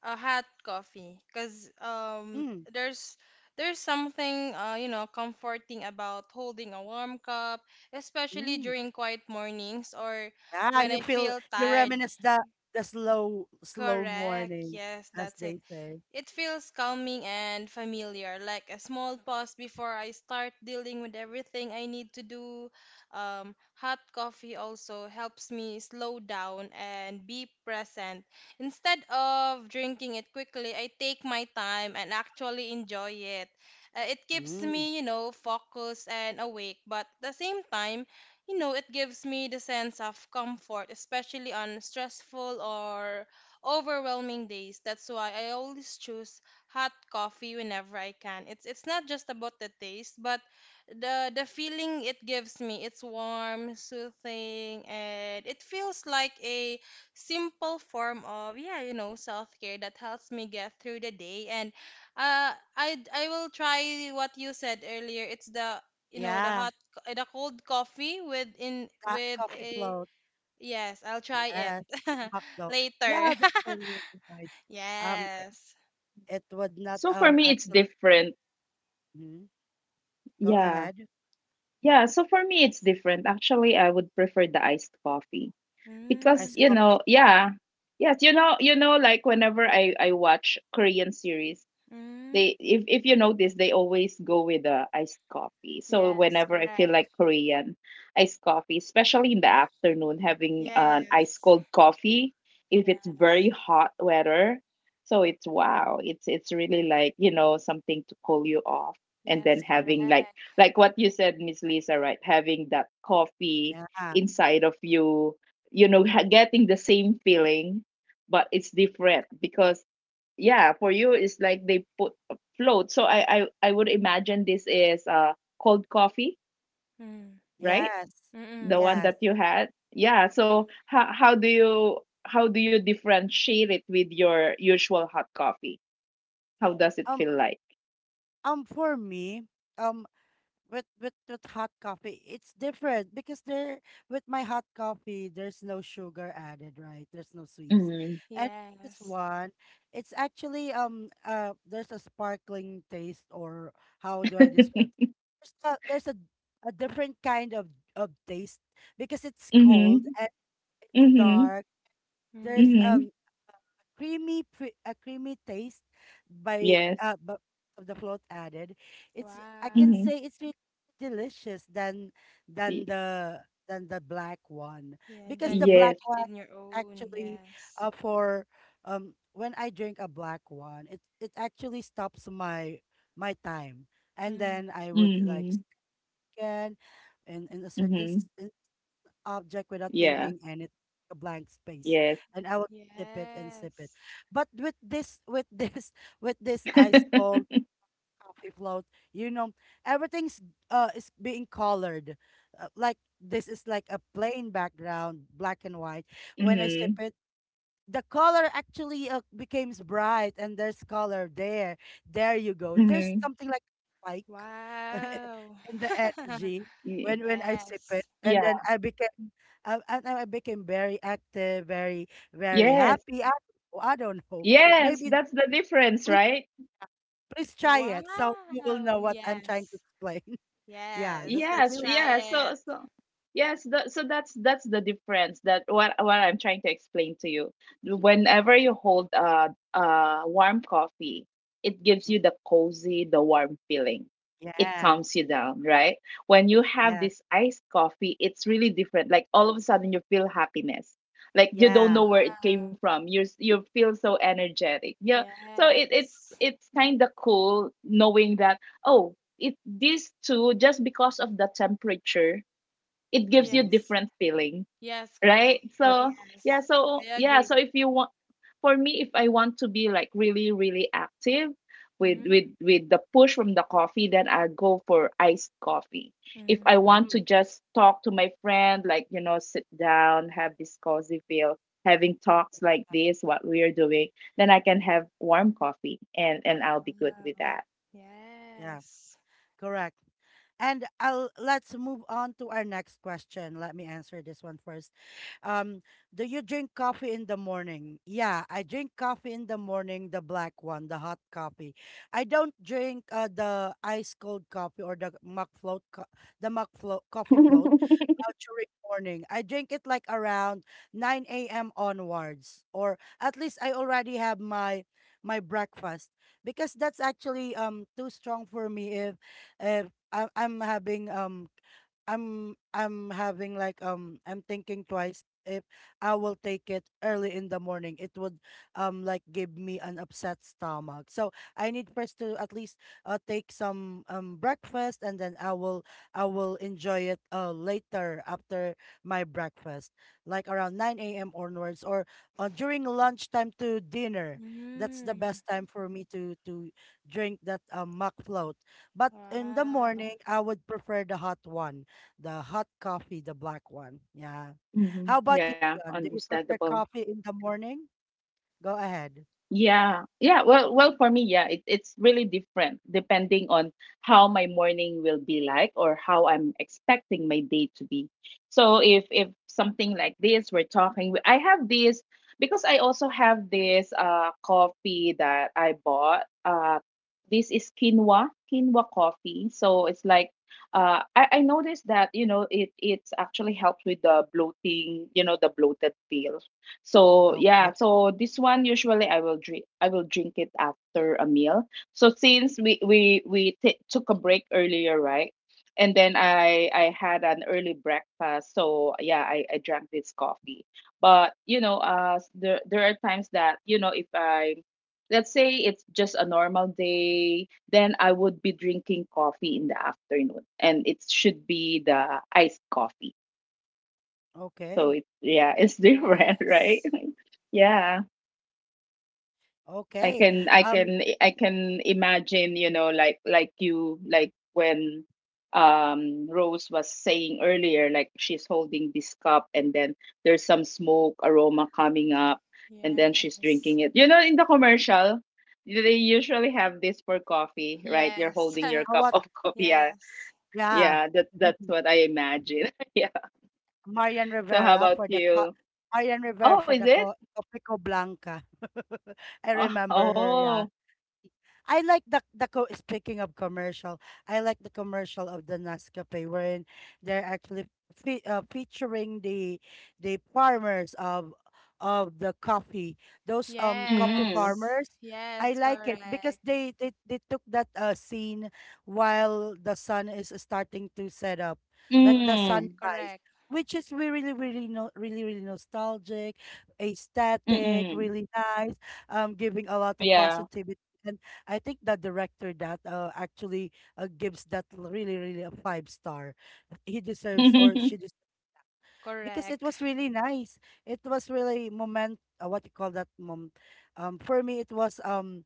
Speaker 2: a hot coffee because
Speaker 1: Mm,
Speaker 2: there's there's something you know, comforting about holding a warm cup, especially
Speaker 1: mm.
Speaker 2: during quiet mornings or
Speaker 1: Yeah,
Speaker 2: when
Speaker 1: you
Speaker 2: I feel
Speaker 1: feel you
Speaker 2: tired.
Speaker 1: reminisce the the slow
Speaker 2: Correct.
Speaker 1: morning,
Speaker 2: Yes,
Speaker 1: as
Speaker 2: that's it.
Speaker 1: they say.
Speaker 2: It feels calming and familiar, like a small pause before I start dealing with everything I need to do. Hot coffee also helps me slow down and be present. Instead of drinking it quickly, I take my time and actually enjoy it. It keeps
Speaker 1: Mm,
Speaker 2: me, you know, focused and awake, but at the same time, you know, it gives me the sense of comfort, especially on stressful or overwhelming days. That's why I always choose hot coffee whenever I can. It's not just about the taste, but the feeling it gives me. It's warm, soothing, and it feels like a simple form of, yeah, you know, self-care that helps me get through the day. And I will try what you said earlier. It's the, you know, the
Speaker 1: yeah,
Speaker 2: hot, the cold coffee with in with
Speaker 1: coffee
Speaker 2: a,
Speaker 1: float.
Speaker 2: yes, I'll try it
Speaker 1: Yes, and McDo. Yeah,
Speaker 2: later.
Speaker 1: that's really really nice. It,
Speaker 2: Yes.
Speaker 1: it would not
Speaker 3: So for me, it's
Speaker 1: actually.
Speaker 3: different.
Speaker 1: Mhm. Go
Speaker 3: Yeah.
Speaker 1: ahead.
Speaker 3: Yeah, so for me it's different. Actually, I would prefer the iced coffee because,
Speaker 1: Ice
Speaker 3: you
Speaker 2: Mm,
Speaker 1: coffee.
Speaker 3: know, yeah. Yes, you know, you know, like whenever I watch Korean series,
Speaker 2: mm,
Speaker 3: they, if you notice, they always go with the iced coffee. So
Speaker 2: yes,
Speaker 3: whenever I feel
Speaker 2: correct.
Speaker 3: like Korean iced coffee, especially in the afternoon, having an
Speaker 2: Yes,
Speaker 3: ice cold coffee, if it's
Speaker 2: yes,
Speaker 3: very hot weather, so it's wow, it's really like, you know, something to cool you off. And then
Speaker 2: yes, correct.
Speaker 1: Hmm.
Speaker 3: having like what you said, Miss Lisa, right, having that coffee
Speaker 1: Yeah.
Speaker 3: inside of you, you know, getting the same feeling, but it's different because yeah, for you it's like they put float. So I would imagine this is cold coffee,
Speaker 2: Mm,
Speaker 3: right,
Speaker 1: Yes.
Speaker 3: the
Speaker 2: mm-mm,
Speaker 3: one
Speaker 1: Yes.
Speaker 3: that you had. Yeah, so how do you, how do you differentiate it with your usual hot coffee? How does it
Speaker 1: Um.
Speaker 3: feel like?
Speaker 1: For me, um, with with hot coffee it's different because there, with my hot coffee there's no sugar added, right? There's no sweets.
Speaker 3: Mm-hmm.
Speaker 1: And this
Speaker 2: yes.
Speaker 1: one, it's actually there's a sparkling taste, or how do I describe? There's a different kind of taste because it's
Speaker 3: Mm-hmm.
Speaker 1: cold and it's
Speaker 3: Mm-hmm.
Speaker 1: dark. There's
Speaker 2: Mm,
Speaker 3: Mm-hmm.
Speaker 1: a creamy taste by
Speaker 3: Yes.
Speaker 1: of the float added. It's, I can
Speaker 2: wow.
Speaker 3: Mm-hmm.
Speaker 1: say it's really delicious than than
Speaker 3: Y-
Speaker 1: the than the black one.
Speaker 2: Yeah,
Speaker 1: Because
Speaker 2: then
Speaker 1: the
Speaker 2: you make
Speaker 3: yes.
Speaker 1: black one
Speaker 2: your own.
Speaker 1: actually,
Speaker 2: Yes.
Speaker 1: for um, when I drink a black one, it actually stops my my time, and then
Speaker 2: Mm,
Speaker 1: I would like
Speaker 3: Mm-hmm.
Speaker 1: scan in a certain
Speaker 3: Mm-hmm.
Speaker 1: in object without
Speaker 3: Yeah.
Speaker 1: thinking, and it a blank space,
Speaker 3: Yes.
Speaker 1: and I would sip it and sip it.
Speaker 2: yes.
Speaker 1: But with this with this ice cold
Speaker 3: Mm-hmm.
Speaker 1: coffee float, you know, everything's is being colored. Like this is like a plain background, black and white. When I sip
Speaker 3: Mm-hmm.
Speaker 1: it, the color actually becomes bright and there's color there. There you go. There's something like a spike
Speaker 2: Wow.
Speaker 1: in the energy
Speaker 3: Yeah.
Speaker 1: when I
Speaker 2: Yes.
Speaker 1: sip it,
Speaker 3: Yeah.
Speaker 1: and then I became I became very active, very very
Speaker 3: Yes.
Speaker 1: happy. I don't know, I don't know.
Speaker 3: Yes,
Speaker 1: Maybe
Speaker 3: that's the difference,
Speaker 1: please
Speaker 3: right?
Speaker 1: please try it, so you will know
Speaker 2: Wow.
Speaker 1: what I'm trying to
Speaker 2: Yes.
Speaker 1: explain. Yeah, that's
Speaker 2: Yes.
Speaker 1: the
Speaker 2: Let's
Speaker 3: Yes,
Speaker 1: real
Speaker 2: try
Speaker 1: difference.
Speaker 3: yeah. So
Speaker 2: it.
Speaker 3: so yes, the, so that's the difference that what I'm trying to explain to you. Whenever you hold a warm coffee, it gives you
Speaker 1: Mhm.
Speaker 3: the cozy, the warm feeling. It
Speaker 1: Yeah,
Speaker 3: calms you down, right? When you have
Speaker 1: yeah,
Speaker 3: this iced coffee, it's really different. Like all of a sudden you feel happiness. Like you don't
Speaker 1: yeah.
Speaker 3: know where it came
Speaker 2: Wow.
Speaker 3: from. You feel so energetic. Yeah. So
Speaker 2: Yes.
Speaker 3: it's kind of cool knowing that oh, it, these two, just because of the temperature, it gives you
Speaker 1: Mm-hmm.
Speaker 2: Yes.
Speaker 3: different feeling,
Speaker 2: Yes, correct.
Speaker 3: right?
Speaker 1: Correct.
Speaker 3: So yeah,
Speaker 2: Yes.
Speaker 3: so
Speaker 2: I
Speaker 3: yeah, so
Speaker 2: agree.
Speaker 3: if you want, for me if I want to be like really really active with
Speaker 2: Mm.
Speaker 3: with the push from the coffee, then I go for iced coffee. If I want
Speaker 1: Mm,
Speaker 3: to just talk to my friend, like, you know, sit down, have this cozy feel, having talks like this, what we're doing, then I can have warm coffee and I'll be good
Speaker 2: Wow.
Speaker 3: with that.
Speaker 1: yeah,
Speaker 2: Yes.
Speaker 1: correct. And I'll, let's move on to our next question. Let me answer this one first. Um, do you drink coffee in the morning? Yeah, I drink coffee in the morning, the black one, the hot coffee. I don't drink the ice cold coffee or the muck float, coffee float during morning. I drink it like around 9 a.m. onwards, or at least I already have my my breakfast, because that's actually too strong for me. If if I'm having um, I'm having like um, I'm thinking twice if I will take it early in the morning. It would like give me an upset stomach. So I need first to at least take some breakfast, and then I will enjoy it later after my breakfast, like around 9 a.m. onwards, or during lunchtime to dinner. That's the
Speaker 2: Mm.
Speaker 1: best time for me to drink that mock float. But in the
Speaker 2: Wow.
Speaker 1: morning, I would prefer the hot one, the hot coffee, the black one. Yeah. How
Speaker 3: Hmm.
Speaker 1: about you,
Speaker 3: Yeah,
Speaker 1: Dion? Do you prefer
Speaker 3: understandable.
Speaker 1: coffee in the morning? Go ahead.
Speaker 3: Yeah, yeah. Well, well, for me, yeah, it's really different depending on how my morning will be like or how I'm expecting my day to be. So if something like this, we're talking. I have this because I also have this coffee that I bought. This is quinoa coffee. So it's like I noticed that, you know, it it's actually helps with the bloating, you know, the bloated feel. So
Speaker 1: Okay.
Speaker 3: yeah, so this one usually I will drink it after a meal. So since we took a break earlier, right? And then I had an early breakfast. So yeah, I drank this coffee. But you know, there are times that, you know, if I, let's say it's just a normal day, then I would be drinking coffee in the afternoon, and it should be the iced coffee. So
Speaker 1: Okay.
Speaker 3: it's yeah, it's
Speaker 2: Yeah.
Speaker 3: different, right? Yeah.
Speaker 1: Okay. Um,
Speaker 3: I can imagine, you know, like you, like when Rose was saying earlier, like she's holding this cup and then there's some smoke aroma coming up and
Speaker 2: Yeah.
Speaker 3: then she's drinking it. You know, in the commercial, they usually have this for coffee, right? You're
Speaker 2: Yes.
Speaker 3: holding your
Speaker 1: how
Speaker 3: cup
Speaker 1: about,
Speaker 3: of coffee. Yeah,
Speaker 2: Yes.
Speaker 1: yeah.
Speaker 3: yeah, that that's what I imagine. Yeah.
Speaker 1: Marian
Speaker 3: So how
Speaker 1: Rivera
Speaker 3: about
Speaker 1: for the co-
Speaker 3: you?
Speaker 1: Marian Rivera
Speaker 3: Oh,
Speaker 1: for
Speaker 3: is
Speaker 1: the
Speaker 3: it?
Speaker 1: Copico Blanca. I remember her,
Speaker 3: Oh.
Speaker 1: yeah. I like speaking of commercial, I like the commercial of the Nescafe, wherein they're actually featuring the farmers of the coffee, those coffee
Speaker 2: Yes.
Speaker 3: Mm.
Speaker 1: farmers. I
Speaker 2: Yes.
Speaker 1: like it because
Speaker 2: Correct.
Speaker 1: they took that scene while the sun is starting to set up, like the
Speaker 2: Correct.
Speaker 3: Mm.
Speaker 1: sunrise.
Speaker 2: Correct.
Speaker 1: Which is we really, really, no, really, really nostalgic, aesthetic,
Speaker 3: Mm.
Speaker 1: really nice, giving a lot of
Speaker 3: Yeah.
Speaker 1: positivity. And I think the director that actually gives that really, really a five star. He deserves, or she deserves, because it
Speaker 2: Correct.
Speaker 1: was really nice. It was really moment. What you call that? Mom, for me, it was.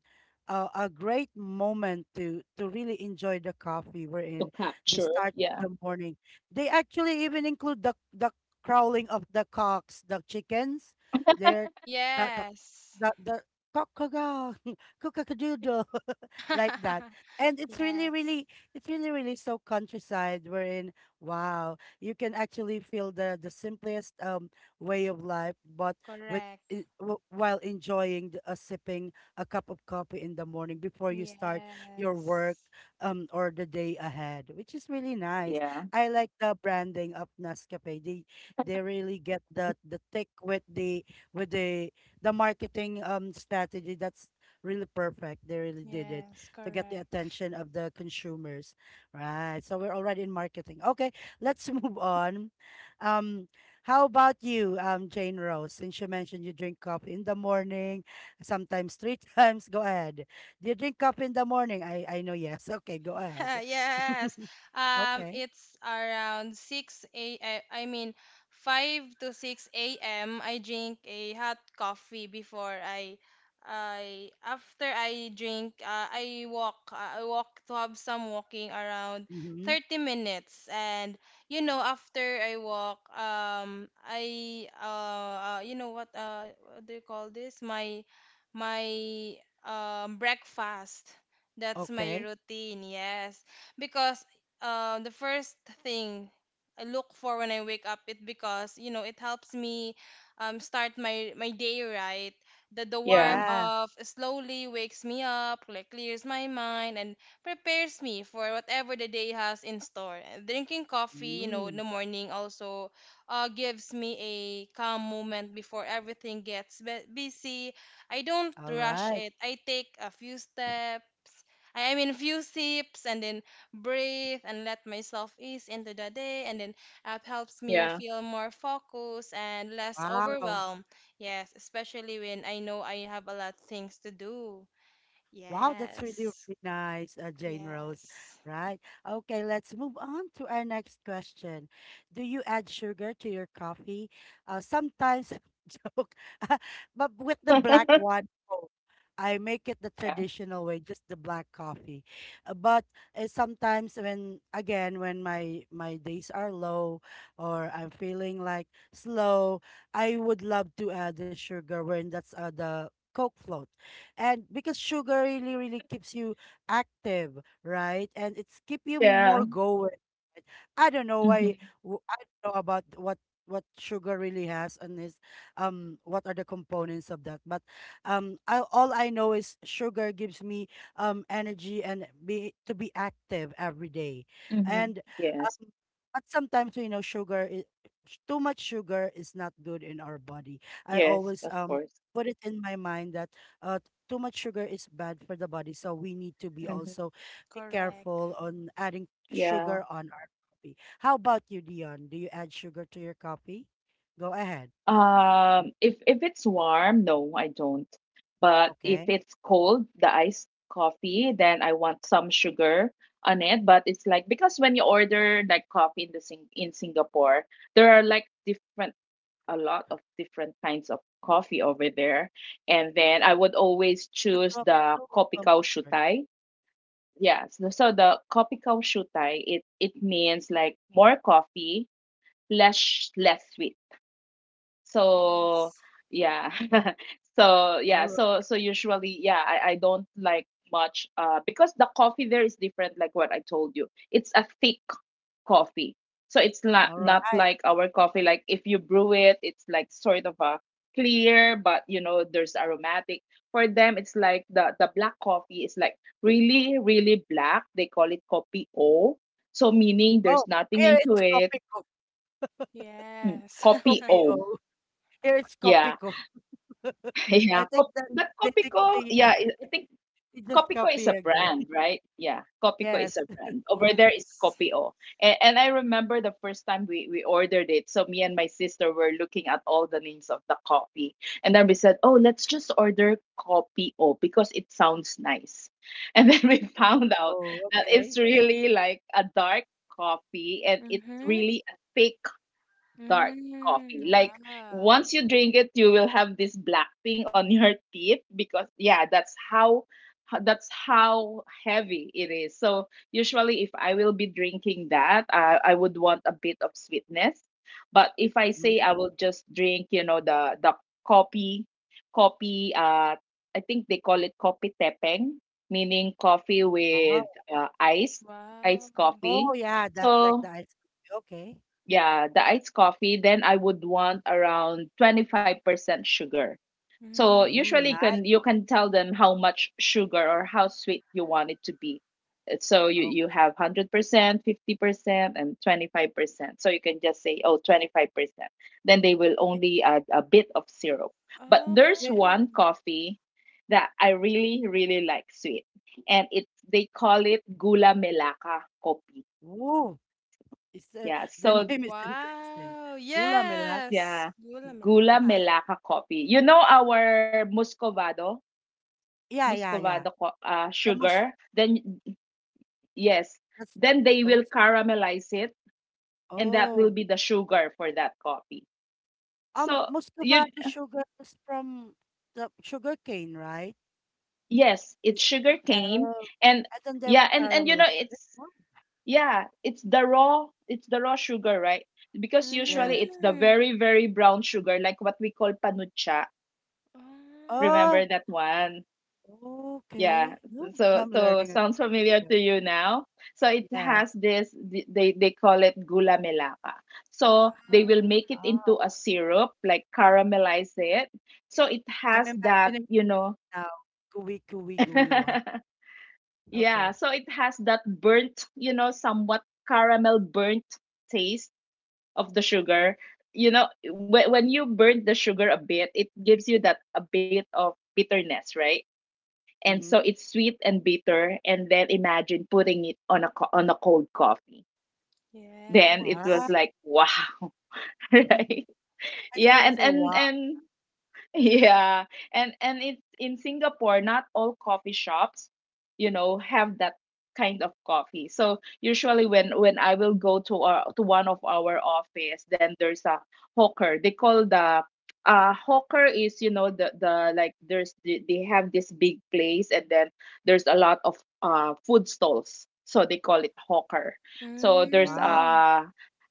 Speaker 1: A great moment to really enjoy the coffee, we're
Speaker 3: To
Speaker 1: in the
Speaker 3: capture.
Speaker 1: start of
Speaker 3: Yeah,
Speaker 1: the morning. They actually even include the crowling of the cocks, the chickens. They're the
Speaker 2: Yes.
Speaker 1: the cock-a-doodle like that. And
Speaker 2: Yes.
Speaker 1: it's really, really so countryside wherein, wow, you can actually feel the simplest way of life, but with
Speaker 2: Correct.
Speaker 1: i- while enjoying the, sipping a cup of coffee in the morning before you start your work,
Speaker 2: Yes.
Speaker 1: um, or the day ahead, which is really nice.
Speaker 3: yeah,
Speaker 1: I like the branding of Nescafe. They really get the tick with the with the marketing strategy. That's really perfect. They really did it
Speaker 2: Yes.
Speaker 1: to get the
Speaker 2: Correct.
Speaker 1: attention of the consumers. Right. So we're already in marketing. Okay, let's move on. Um, how about you, Jane Rose? Since you mentioned you drink coffee in the morning, sometimes three times. Go ahead. Do you drink coffee in the morning? I know yes. Okay, go ahead.
Speaker 2: Yes.
Speaker 1: Okay.
Speaker 2: It's around 6 a. m. I mean, 5 to 6 a.m. I drink a hot coffee before I after I drink, I walk. I walk to have some walking around
Speaker 1: Mm-hmm.
Speaker 2: 30 minutes. And you know after I walk, I you know what, what do you call this? My breakfast. That's my
Speaker 1: Okay.
Speaker 2: routine, yes. Because the first thing I look for when I wake up, it because, you know, it helps me start my day right. The warm
Speaker 3: yeah,
Speaker 1: Yeah.
Speaker 2: of slowly wakes me up, like clears my mind and prepares me for whatever the day has in store. And drinking coffee, you know, in
Speaker 1: Mm.
Speaker 2: the morning also gives me a calm moment before everything gets busy. I don't
Speaker 1: All
Speaker 2: rush
Speaker 1: right.
Speaker 2: it. I take a few steps. I mean, few sips and then breathe and let myself ease into the day, and then app helps me
Speaker 3: yeah,
Speaker 2: feel more focused and less
Speaker 1: Wow.
Speaker 2: overwhelmed. Yes, especially when I know I have a lot of things to do.
Speaker 1: Wow, that's really,
Speaker 2: Yes,
Speaker 1: really nice, Jane Rose.
Speaker 2: yes,
Speaker 1: Right. Okay, let's move on to our next question. Do you add sugar to your coffee? Sometimes, joke, but with the black one, no. I make it the
Speaker 3: yeah,
Speaker 1: traditional way, just the black coffee. But sometimes when, again, when my days are low or I'm feeling like slow, I would love to add the sugar when that's the Coke float. And because sugar really really keeps you active, right? And it's keep you
Speaker 3: yeah.
Speaker 1: more going. I don't know why.
Speaker 3: Mm-hmm.
Speaker 1: I don't know about what sugar really has and is what are the components of that. But I, all I know is sugar gives me energy and be to be active every day.
Speaker 3: Mm-hmm.
Speaker 1: And
Speaker 3: Yes,
Speaker 1: um, but sometimes you know sugar is, too much sugar is not good in our body. I
Speaker 3: yes,
Speaker 1: always
Speaker 3: of course.
Speaker 1: put it in my mind that uh too much sugar is bad for the body, so we need to be
Speaker 3: Mm-hmm.
Speaker 1: also be
Speaker 2: correct.
Speaker 1: careful on adding
Speaker 3: Yeah.
Speaker 1: sugar on our coffee. How about you, Dion? Do you add sugar to your coffee? Go ahead. Mm,
Speaker 3: If it's warm, no, I don't. But if
Speaker 1: okay.
Speaker 3: it's cold, the iced coffee, then I want some sugar on it. But it's like because when you order like coffee in the Singapore, there are like different, a lot of different kinds of coffee over there. And then I would always
Speaker 1: But,
Speaker 3: choose the
Speaker 1: no, um,
Speaker 3: Kopikau Shutai. Yes. So so the Kopikau Shutai, it means like more coffee, less sweet.
Speaker 2: Yeah,
Speaker 3: So yeah. So yeah,
Speaker 1: all right.
Speaker 3: so so usually yeah, I don't like much because the coffee there is different, like what I told you. It's a thick coffee. So it's not
Speaker 1: All
Speaker 3: not
Speaker 1: right.
Speaker 3: like our coffee. Like if you brew it, it's like sort of a clear, but you know, there's aromatic. For them, it's like the black coffee is like really, really black. They call it kopi o. So meaning there's
Speaker 1: Oh,
Speaker 3: nothing
Speaker 1: here
Speaker 3: into
Speaker 1: it's
Speaker 3: it.
Speaker 1: Copico.
Speaker 3: Mm,
Speaker 2: yes,
Speaker 3: kopi o.
Speaker 1: Copio. Here it's
Speaker 3: Yeah.
Speaker 1: Copico.
Speaker 3: Yeah.
Speaker 1: I think that
Speaker 3: But
Speaker 1: they
Speaker 3: kopi
Speaker 1: think
Speaker 3: ko,
Speaker 1: they, uh,
Speaker 3: yeah, I think
Speaker 1: they just
Speaker 3: Kopiko is
Speaker 1: copy
Speaker 3: a
Speaker 1: again.
Speaker 3: brand, right? Yeah, Kopiko
Speaker 1: Yes.
Speaker 3: is a brand. Over there is
Speaker 2: yes.
Speaker 3: Kopio. And I remember the first time we ordered it. So me and my sister were looking at all the names of the coffee. And then we said, oh, let's just order Kopio because it sounds nice. And then we found out
Speaker 1: Oh,
Speaker 3: that it's
Speaker 1: okay.
Speaker 3: really like a dark coffee and it's
Speaker 2: Mhm.
Speaker 3: really a thick dark
Speaker 2: Mm,
Speaker 3: coffee. Like
Speaker 2: wow.
Speaker 3: once you drink it, you will have this black thing on your teeth because yeah, that's how that's how heavy it is. So usually if I will be drinking that, I would want a bit of sweetness. But if I
Speaker 1: Mm,
Speaker 3: say I will just drink, the coffee coffee, I think they call it coffee tepeng, meaning coffee
Speaker 1: wow.
Speaker 3: with ice,
Speaker 2: Wow.
Speaker 3: iced
Speaker 1: Oh,
Speaker 3: coffee.
Speaker 1: yeah. That like
Speaker 3: So
Speaker 1: the ice cream. Okay.
Speaker 3: yeah, the iced coffee, then I would want around 25% sugar. So
Speaker 2: Mhm.
Speaker 1: Mm,
Speaker 3: usually
Speaker 1: nice.
Speaker 3: can you can tell them how much sugar or how sweet you want it to be. So you, you
Speaker 1: Okay.
Speaker 3: have 100%, 50% and 25%. So you can just say, oh, 25%. Then they will only add a bit of syrup. But there's
Speaker 1: Yeah.
Speaker 2: Oh,
Speaker 3: one coffee that I really, really like sweet. And it they call it gula melaka kopi.
Speaker 1: Ooh. It's
Speaker 3: Yeah,
Speaker 1: the
Speaker 3: so
Speaker 1: name is interesting.
Speaker 2: wow.
Speaker 1: Gula Melaka.
Speaker 2: Yes.
Speaker 3: yeah,
Speaker 2: Gula
Speaker 3: Gula
Speaker 2: Melaka.
Speaker 3: Melaka coffee. You know our Muscovado,
Speaker 1: Yeah, yeah,
Speaker 3: Muscovado
Speaker 1: yeah.
Speaker 3: co- uh,
Speaker 1: The most
Speaker 3: sugar. Then yes,
Speaker 1: that's
Speaker 3: then they will
Speaker 1: expensive?
Speaker 3: caramelize it, and that will
Speaker 1: Oh,
Speaker 3: be the sugar for that coffee. So you
Speaker 1: Muscovado sugar is from the sugar cane, right?
Speaker 3: yes, it's
Speaker 1: It-
Speaker 3: sugar cane,
Speaker 1: Oh,
Speaker 3: and
Speaker 1: and then they
Speaker 3: yeah,
Speaker 1: will
Speaker 3: and you
Speaker 1: caramelize
Speaker 3: know
Speaker 1: it.
Speaker 3: it's
Speaker 1: Oh,
Speaker 3: yeah, it's the raw sugar, right? Because
Speaker 1: yeah.
Speaker 3: usually it's the
Speaker 2: Mm.
Speaker 3: very very brown sugar, like what we call panucha.
Speaker 2: Oh,
Speaker 1: Oh,
Speaker 3: Remember that one?
Speaker 1: okay.
Speaker 3: Yeah.
Speaker 1: No,
Speaker 3: So
Speaker 1: I'm
Speaker 3: so
Speaker 1: learning again.
Speaker 3: sounds familiar
Speaker 1: Yeah.
Speaker 3: to you now. So it has
Speaker 1: Yes.
Speaker 3: this they call it gula melaka. So
Speaker 2: Uh,
Speaker 3: they will make it into
Speaker 1: Oh,
Speaker 3: a syrup, like caramelize it. So it
Speaker 1: I'm
Speaker 3: has that,
Speaker 1: imagining it
Speaker 3: you know.
Speaker 1: now. Gooey, gooey, gooey one.
Speaker 3: Yeah,
Speaker 1: Okay.
Speaker 3: so it has that burnt, you know, somewhat caramel burnt taste of the
Speaker 1: Mm,
Speaker 3: sugar. You know, when you burn the sugar a bit, it gives you that a bit of bitterness, right? And so
Speaker 1: mm-hmm.
Speaker 3: it's sweet and bitter, and then imagine putting it on a on a cold coffee,
Speaker 2: yeah.
Speaker 3: then it was
Speaker 1: Wow.
Speaker 3: like wow. Right.
Speaker 1: I just
Speaker 3: Yeah,
Speaker 1: want to
Speaker 3: and
Speaker 1: say
Speaker 3: and
Speaker 1: wow,
Speaker 3: and yeah. And it's in Singapore, not all coffee shops, you know, have that kind of coffee. So usually when I will go to our to one of our office, then there's a hawker. They call the hawker is, you know, the like there's the, they have this big place and then there's a lot of food stalls. So they call it hawker. So there's
Speaker 1: wow.
Speaker 2: Mm.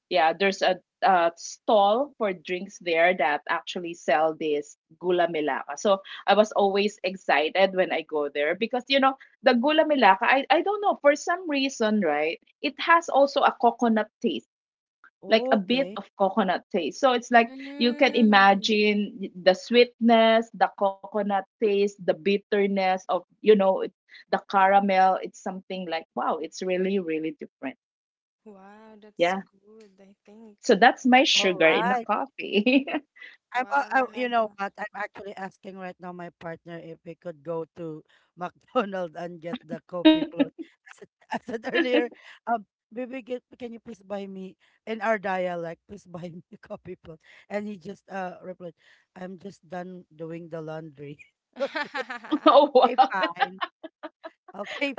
Speaker 3: yeah, there's a stall for drinks there that actually sell this gula melaka. So I was always excited when I go there because you know the gula melaka. I don't know for some reason, right? It has also a coconut taste, like a bit
Speaker 1: Okay.
Speaker 3: of coconut taste. So it's like you can
Speaker 2: Mm.
Speaker 3: imagine the sweetness, the coconut taste, the bitterness of it- the caramel. It's something like wow, it's really really different.
Speaker 2: Wow, that's
Speaker 3: Yeah.
Speaker 2: good, I think.
Speaker 3: So that's my
Speaker 1: All
Speaker 3: sugar in the
Speaker 1: right.
Speaker 3: coffee.
Speaker 1: I'm, you know
Speaker 2: Wow.
Speaker 1: what? I'm actually asking right now my partner if we could go to McDonald's and get the coffee float. As I, I said earlier, um, baby, get, can you please buy me, in our dialect, please buy me a coffee float. And he just replied, "I'm just done doing the laundry." Okay,
Speaker 3: Oh,
Speaker 1: okay,
Speaker 3: wow.
Speaker 1: fine. Okay,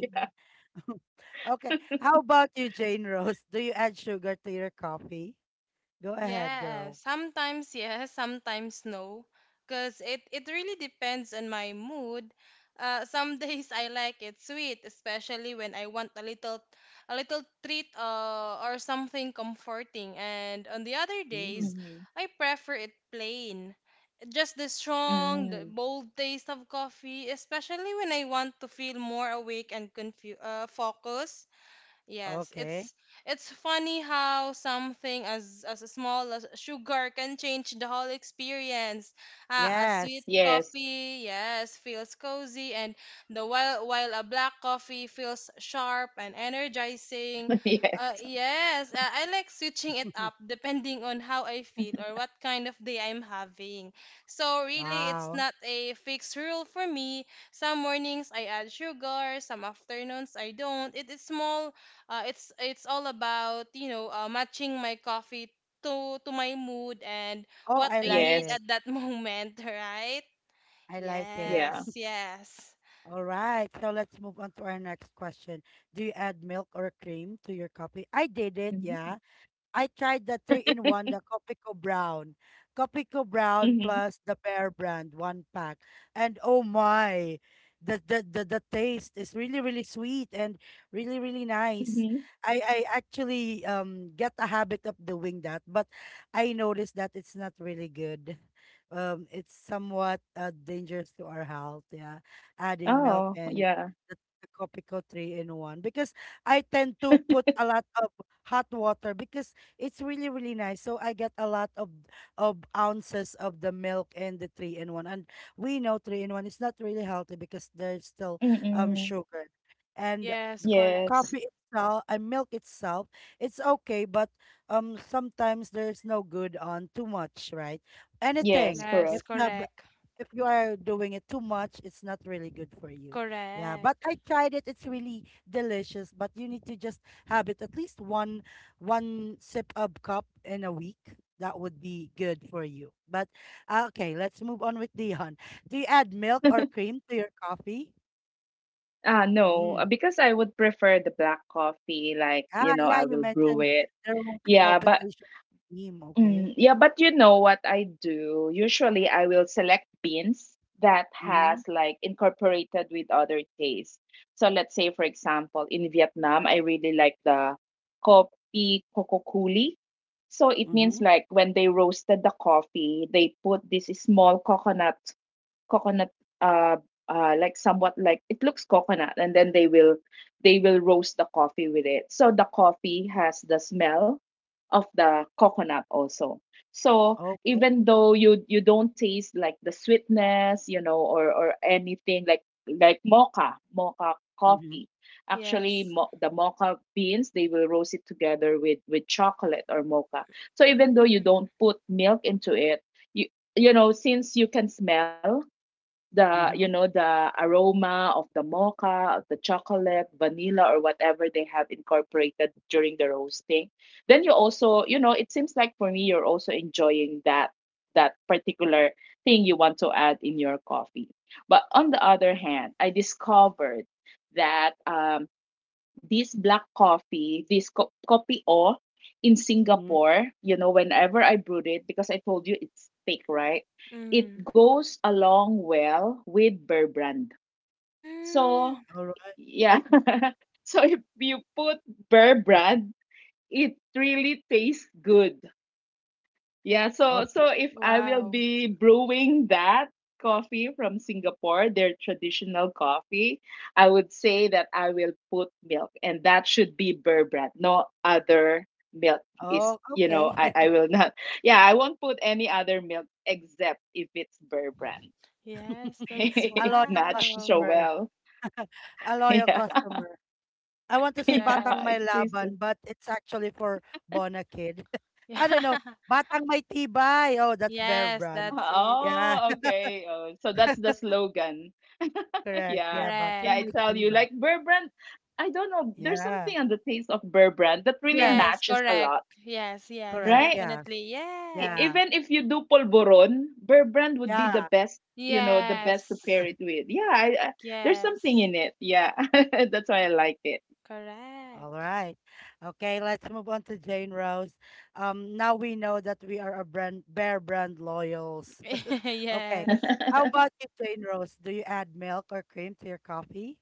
Speaker 3: Yeah.
Speaker 1: Okay, how about you, Jane Rose? Do you add sugar to your coffee? Go ahead,
Speaker 2: Yeah,
Speaker 1: girl.
Speaker 2: sometimes yes, sometimes no, because it really depends on my mood. Some days I like it sweet, especially when I want a little treat or something comforting. And on the other
Speaker 1: Mm,
Speaker 2: days,
Speaker 3: Mhm.
Speaker 2: I prefer it plain. Just the strong, the
Speaker 3: Mm.
Speaker 2: bold taste of coffee, especially when I want to feel more awake and focused. Yes,
Speaker 1: okay.
Speaker 2: it's funny how something as small as sugar can change the whole experience. A sweet
Speaker 1: Yes.
Speaker 3: Yes.
Speaker 2: coffee, yes, feels cozy, and the while a black coffee feels sharp and energizing.
Speaker 3: Yeah.
Speaker 2: Yes, I like switching it up depending on how I feel or what kind of day I'm having. So really, it's
Speaker 1: Wow.
Speaker 2: not a fixed rule for me. Some mornings I add sugar, some afternoons I don't. It is small, it's all about, you know, matching my coffee to my mood and
Speaker 1: Oh,
Speaker 2: what
Speaker 1: I
Speaker 2: I
Speaker 1: like
Speaker 2: need
Speaker 3: Yes.
Speaker 1: it.
Speaker 2: at that moment, right?
Speaker 1: I like it.
Speaker 2: Yes,
Speaker 3: Yeah.
Speaker 2: yes,
Speaker 1: All right. So let's move on to our next question. Do you add milk or cream to your coffee? I did it.
Speaker 3: Mhm.
Speaker 1: Yeah. I tried the three in one, the Copico Brown. Copico Brown
Speaker 3: Mhm.
Speaker 1: plus the Bear Brand, one pack. And oh my, the, the the taste is really really sweet and really really nice.
Speaker 3: Mhm.
Speaker 1: I actually get a habit of doing that, but I noticed that it's not really good. It's somewhat dangerous to our health. Yeah, adding milk
Speaker 3: Oh,
Speaker 1: and
Speaker 3: yeah.
Speaker 1: the, the Copico three in one, because I tend to put a lot of hot water because it's really, really nice. So I get a lot of ounces of the milk and the three in one. And we know three in one is not really healthy because there's still
Speaker 3: Mm-mm.
Speaker 1: sugar. And
Speaker 2: yes, correct.
Speaker 3: Yes.
Speaker 1: coffee itself and milk itself, it's okay, but sometimes there's no good on too much, right?
Speaker 3: Yes,
Speaker 1: Anything.
Speaker 2: Yes,
Speaker 1: If
Speaker 3: correct.
Speaker 1: you have,
Speaker 2: correct,
Speaker 1: if you are doing it too much, it's not really good for you. Yeah, but
Speaker 2: correct.
Speaker 1: I tried it. It's really delicious, but you need to just have it at least one sip of cup in a week. That would be good for you. But okay, let's move on with Dion. Do you add milk or cream to your coffee?
Speaker 3: Ah, no,
Speaker 1: Mm.
Speaker 3: because I would prefer the black coffee, like, you
Speaker 1: Ah,
Speaker 3: know,
Speaker 1: yeah,
Speaker 3: I
Speaker 1: you
Speaker 3: will brew
Speaker 1: mentioned
Speaker 3: it.
Speaker 1: there won't be
Speaker 3: Yeah, but
Speaker 1: palpitation. Cream, okay.
Speaker 3: Yeah, but you know what I do? Usually I will select beans that
Speaker 1: Mm-hmm.
Speaker 3: has like incorporated with other tastes. So let's say for example in Vietnam I really like the kopi kokokuli. So it means
Speaker 1: Mm-hmm.
Speaker 3: like when they roasted the coffee, they put this small coconut coconut uh like somewhat like it looks coconut and then they will roast the coffee with it. So the coffee has the smell of the coconut also. So
Speaker 1: Okay.
Speaker 3: even though you don't taste like the sweetness, you know, or anything like mocha
Speaker 1: Mm-hmm.
Speaker 3: coffee. Actually,
Speaker 2: Yes.
Speaker 3: the mocha beans they will roast it together with chocolate or mocha. So even though you
Speaker 2: Mm,
Speaker 3: don't put milk into it, you you know since you can smell the you know
Speaker 1: Mm-hmm.
Speaker 3: the aroma of the mocha, of the chocolate, vanilla, or whatever they have incorporated during the roasting. Then you also, you know, it seems like for me you're also enjoying that that particular thing you want to add in your coffee. But on the other hand, I discovered that this black coffee, this kopi o in
Speaker 1: Mm-hmm.
Speaker 3: Singapore, you know, whenever I brewed it, because I told you it's thick, right? It
Speaker 2: mm,
Speaker 3: goes along well with Bear Brand. So,
Speaker 2: mm.
Speaker 1: All right.
Speaker 3: yeah. So if you put Bear
Speaker 1: Mhm.
Speaker 3: Brand, it really tastes good. Yeah, so
Speaker 1: Okay.
Speaker 3: so if I will
Speaker 2: Wow.
Speaker 3: be brewing that coffee from Singapore, their traditional coffee, I would say that I will put milk and that should be Burr brand. No other milk is,
Speaker 1: Oh,
Speaker 3: you
Speaker 1: okay.
Speaker 3: know, I will not. Yeah, I won't put any other milk except if it's Burr brand.
Speaker 2: Yes, that's
Speaker 1: A loyal
Speaker 3: Not
Speaker 2: wow.
Speaker 3: so
Speaker 1: customer.
Speaker 3: well.
Speaker 1: A loyal
Speaker 3: Yeah.
Speaker 1: customer. I want to say
Speaker 3: Yeah,
Speaker 1: Batang
Speaker 2: Correct.
Speaker 1: May
Speaker 3: it tastes.
Speaker 1: Laban, but it's actually for Bona Kid. I don't know.
Speaker 2: Yeah.
Speaker 1: Batang May Tibay. Oh, that's Bear
Speaker 2: Yes,
Speaker 1: Brand.
Speaker 2: that's it.
Speaker 1: Yeah,
Speaker 3: Oh, okay. Oh, so that's the slogan.
Speaker 1: correct.
Speaker 3: Yeah.
Speaker 1: Yeah,
Speaker 3: Yeah,
Speaker 1: Batang
Speaker 3: I
Speaker 1: May
Speaker 2: Correct.
Speaker 3: tell you,
Speaker 1: Tibay.
Speaker 3: like Bear Brand, I don't know, there's
Speaker 1: Yeah.
Speaker 3: something on the taste of Bear Brand that really
Speaker 2: Yes,
Speaker 1: Yes,
Speaker 3: matches a
Speaker 2: correct.
Speaker 3: lot,
Speaker 2: Yes, yes,
Speaker 1: correct.
Speaker 3: right?
Speaker 1: Yeah.
Speaker 2: definitely.
Speaker 3: E-
Speaker 2: Yes.
Speaker 1: Yeah.
Speaker 3: even if you do polvoron, Bear Brand would be
Speaker 1: Yeah.
Speaker 3: the best, you know, the best
Speaker 2: Yes.
Speaker 3: to pair it with. Yeah, there's something
Speaker 2: Yes.
Speaker 3: in it. Yeah. That's why I like it.
Speaker 1: All
Speaker 2: Correct.
Speaker 1: right. Okay, let's move on to Jane Rose. Now we know that we are a brand Bear Brand loyals. Okay.
Speaker 2: Yes.
Speaker 1: How about you, plain Rose? Do you add milk or cream to your coffee?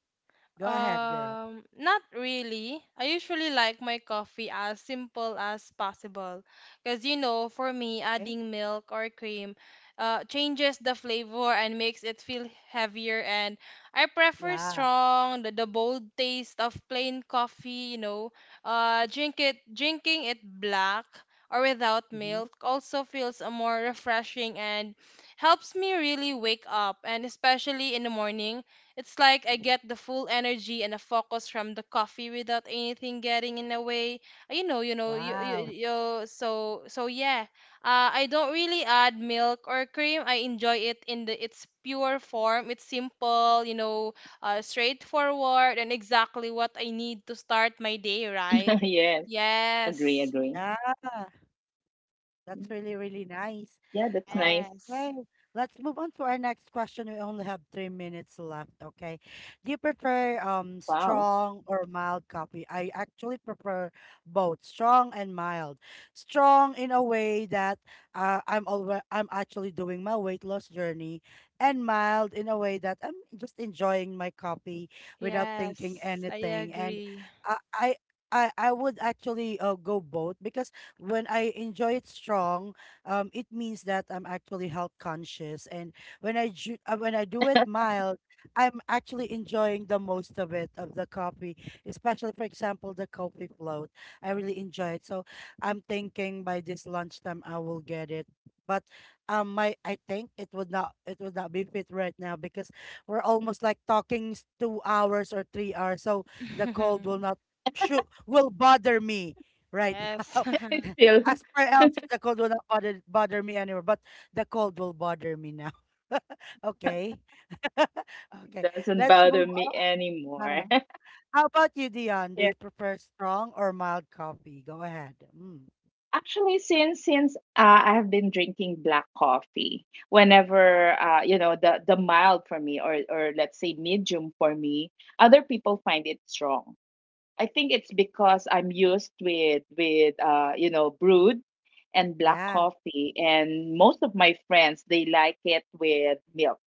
Speaker 1: Go ahead, girl.
Speaker 2: Not really. I usually like my coffee as simple as possible. Because, you know, for me,
Speaker 1: Okay.
Speaker 2: adding milk or cream changes the flavor and makes it feel heavier. And I prefer
Speaker 1: Yeah.
Speaker 2: strong, the bold taste of plain coffee, you know. Drinking it black or without
Speaker 1: Hmm.
Speaker 2: milk also feels more refreshing and helps me really wake up. And especially in the morning it's like I get the full energy and the focus from the coffee without anything getting in the way.
Speaker 1: Wow.
Speaker 2: You so so yeah. I don't really add milk or cream. I enjoy it in the its pure form. It's simple, you know, straightforward and exactly what I need to start my day, right?
Speaker 3: Yes, agree,
Speaker 2: Yes.
Speaker 3: agree.
Speaker 1: Yeah. That's really, really
Speaker 3: Yeah, that's
Speaker 1: nice.
Speaker 3: nice.
Speaker 2: Yes.
Speaker 1: Okay, let's move on to our next question. We only have 3 minutes left. Okay. Do you prefer
Speaker 3: Wow.
Speaker 1: strong or mild coffee? I actually prefer both, strong and mild. Strong in a way that I'm actually doing my weight loss journey, and mild in a way that I'm just enjoying my coffee without thinking
Speaker 2: Yes. I
Speaker 1: anything. And
Speaker 2: agree.
Speaker 1: I I I would actually go both because when I enjoy it strong, it means that I'm actually health conscious, and when when I do it mild, I'm actually enjoying the most of it of the coffee, especially for example the coffee float. I really enjoy it, so I'm thinking by this lunchtime I will get it. But my I think it would not be fit right now because we're almost like talking 2 hours or 3 hours, so the cold will not shoot will bother me right
Speaker 2: Yes.
Speaker 1: now.
Speaker 3: It still
Speaker 1: As for else, the cold will not bother me anymore, but the cold will bother me now. Okay. Okay.
Speaker 3: doesn't
Speaker 1: Let's move
Speaker 3: bother me
Speaker 1: on.
Speaker 3: anymore.
Speaker 1: How about you, Dion? Do you prefer strong or mild coffee? Go ahead. Mm.
Speaker 3: Actually, since I have been drinking black coffee, whenever you know the mild for me, or let's say medium for me, other people find it strong. I think it's because I'm used with you know brewed and black
Speaker 1: Yeah.
Speaker 3: coffee, and most of my friends they like it with milk.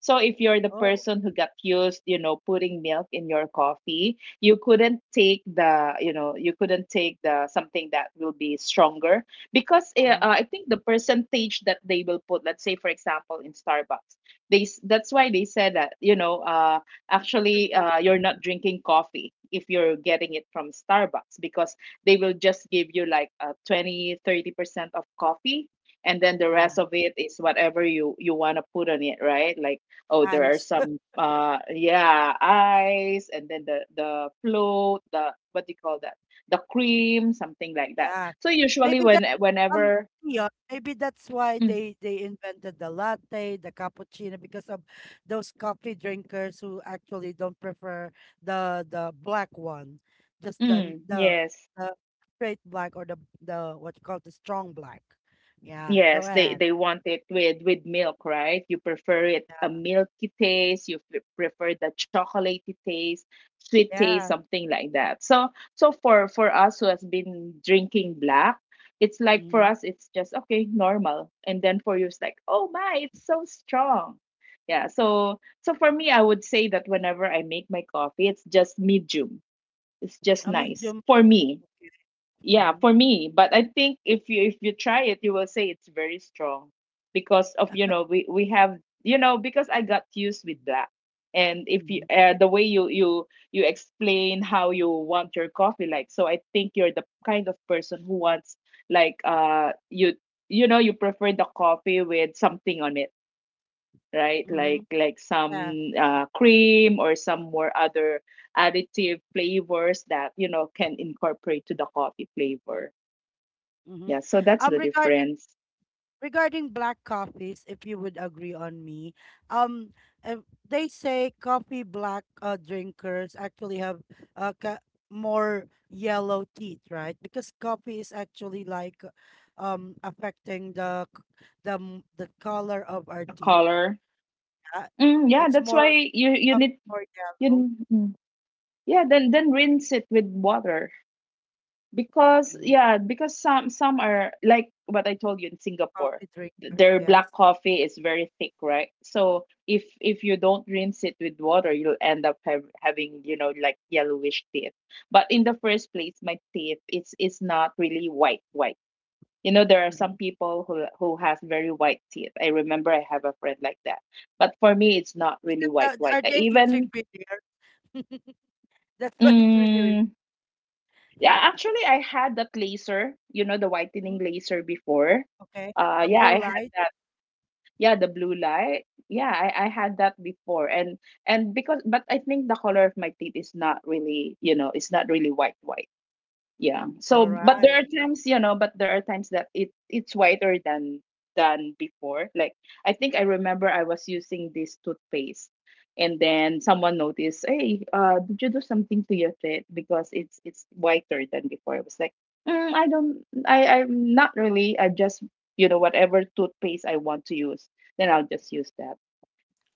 Speaker 3: So if you're the
Speaker 1: Oh,
Speaker 3: person who got used, you know, putting milk in your coffee, you couldn't take the, you know, you couldn't take the something that will be stronger because
Speaker 1: uh-huh.
Speaker 3: I think the percentage that they will put, let's say for example in Starbucks, that's why they said that, you know, actually
Speaker 1: Percentage.
Speaker 3: you're not drinking coffee if you're getting it from Starbucks because they will just give you like 20, 30% of coffee and then the
Speaker 1: Yeah.
Speaker 3: rest of it is whatever you want to put on it right like. Oh, there are
Speaker 1: Ice.
Speaker 3: some yeah, ice, and then the float, the what do you call that? The cream, something like that.
Speaker 1: Yeah.
Speaker 3: So usually
Speaker 1: Maybe
Speaker 3: when
Speaker 1: Um,
Speaker 3: whenever
Speaker 1: yeah, maybe that's why
Speaker 3: mm,
Speaker 1: they invented the latte, the cappuccino, because of those coffee drinkers who actually don't prefer the black one, just
Speaker 3: mm, yes.
Speaker 1: the straight black or the what you call the strong black. Yeah, go
Speaker 3: Yes,
Speaker 1: ahead.
Speaker 3: they want it with milk, right? You prefer it a
Speaker 1: Yeah,
Speaker 3: milky taste, you prefer the chocolatey taste, sweet taste,
Speaker 1: yeah.
Speaker 3: something like that. So so for us who has been drinking black, it's like for
Speaker 1: Mm-hmm.
Speaker 3: us it's just okay, normal. And then for you it's like, "Oh my, it's so strong." Yeah, so so for me I would say that whenever I make my coffee, it's just medium. It's just
Speaker 1: A
Speaker 3: nice
Speaker 1: medium.
Speaker 3: for me. Yeah,
Speaker 1: Mm-hmm.
Speaker 3: for me, but I think if you try it, you will say it's very strong because of you know we have you know because I got used with black and if you
Speaker 1: Mm-hmm.
Speaker 3: the way you you explain how you want your coffee like, so I think you're the kind of person who wants like you you know you prefer the coffee with something on it, right?
Speaker 1: Mm-hmm.
Speaker 3: Like some
Speaker 1: Yeah.
Speaker 3: cream or some more other additive flavors that you know can incorporate to the coffee flavor.
Speaker 1: Mm-hmm.
Speaker 3: Yeah, so that's
Speaker 1: Um,
Speaker 3: the
Speaker 1: regarding
Speaker 3: difference.
Speaker 1: regarding black coffees, if you would agree on me, um, uh, they say coffee black drinkers actually have uh, ca- more yellow teeth, right? Because coffee is actually like affecting the c- the m- the color of our
Speaker 3: The
Speaker 1: teeth.
Speaker 3: color.
Speaker 1: Yeah?
Speaker 3: Mm, yeah,
Speaker 1: It's
Speaker 3: that's why
Speaker 1: more
Speaker 3: you
Speaker 1: become
Speaker 3: need
Speaker 1: more yellow.
Speaker 3: you yeah, then rinse it with water because
Speaker 1: Mm,
Speaker 3: yeah, because some are like what I told you in Singapore.
Speaker 1: coffee drinkers,
Speaker 3: Their black
Speaker 1: yes.
Speaker 3: coffee is very thick, right? So if you don't rinse it with water, you'll end up have, having, you know, like yellowish teeth. But in the first place, my teeth it's not really white white. You know, there are
Speaker 1: Mm-hmm.
Speaker 3: some people who has very white teeth. I remember I have a friend like that. But for me, it's not really white
Speaker 1: Are
Speaker 3: white. I
Speaker 1: they using
Speaker 3: even
Speaker 1: beer? That's why it's really, really
Speaker 3: mm, yeah,
Speaker 1: yeah.
Speaker 3: actually, I had that laser. You know, the whitening
Speaker 1: Mm,
Speaker 3: laser before.
Speaker 1: okay. A
Speaker 3: Yeah,
Speaker 1: blue
Speaker 3: I had
Speaker 1: light.
Speaker 3: that. Yeah, the blue light. Yeah, I had that before, and because but I think the color of my teeth is not really, you know, it's not really white white. Yeah,
Speaker 1: All
Speaker 3: so but there
Speaker 1: right.
Speaker 3: are times you know but there are times that it it's whiter than before like I think I remember I was using this toothpaste and then someone noticed hey did you do something to your teeth because it's whiter than before I was like I don't I'm not really I just you know whatever toothpaste I want to use then I'll just use that.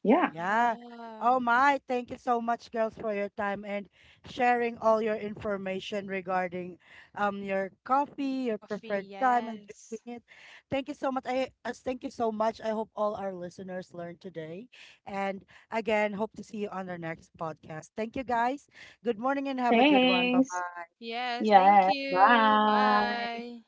Speaker 3: Yeah,
Speaker 1: Yeah.
Speaker 2: Wow.
Speaker 1: Oh my, thank you so much, girls, for your time and sharing all your information regarding your coffee, your preferred
Speaker 2: Coffee,
Speaker 1: time and
Speaker 2: yes.
Speaker 1: drinking it. Thank you so much. I thank you so much. I hope all our listeners learned today. And again, hope to see you on our next podcast. Thank you guys. Good morning and have a good one. Bye
Speaker 3: thanks.
Speaker 1: bye.
Speaker 2: Yes, thank
Speaker 3: Yeah,
Speaker 2: you.
Speaker 3: bye.
Speaker 2: Bye.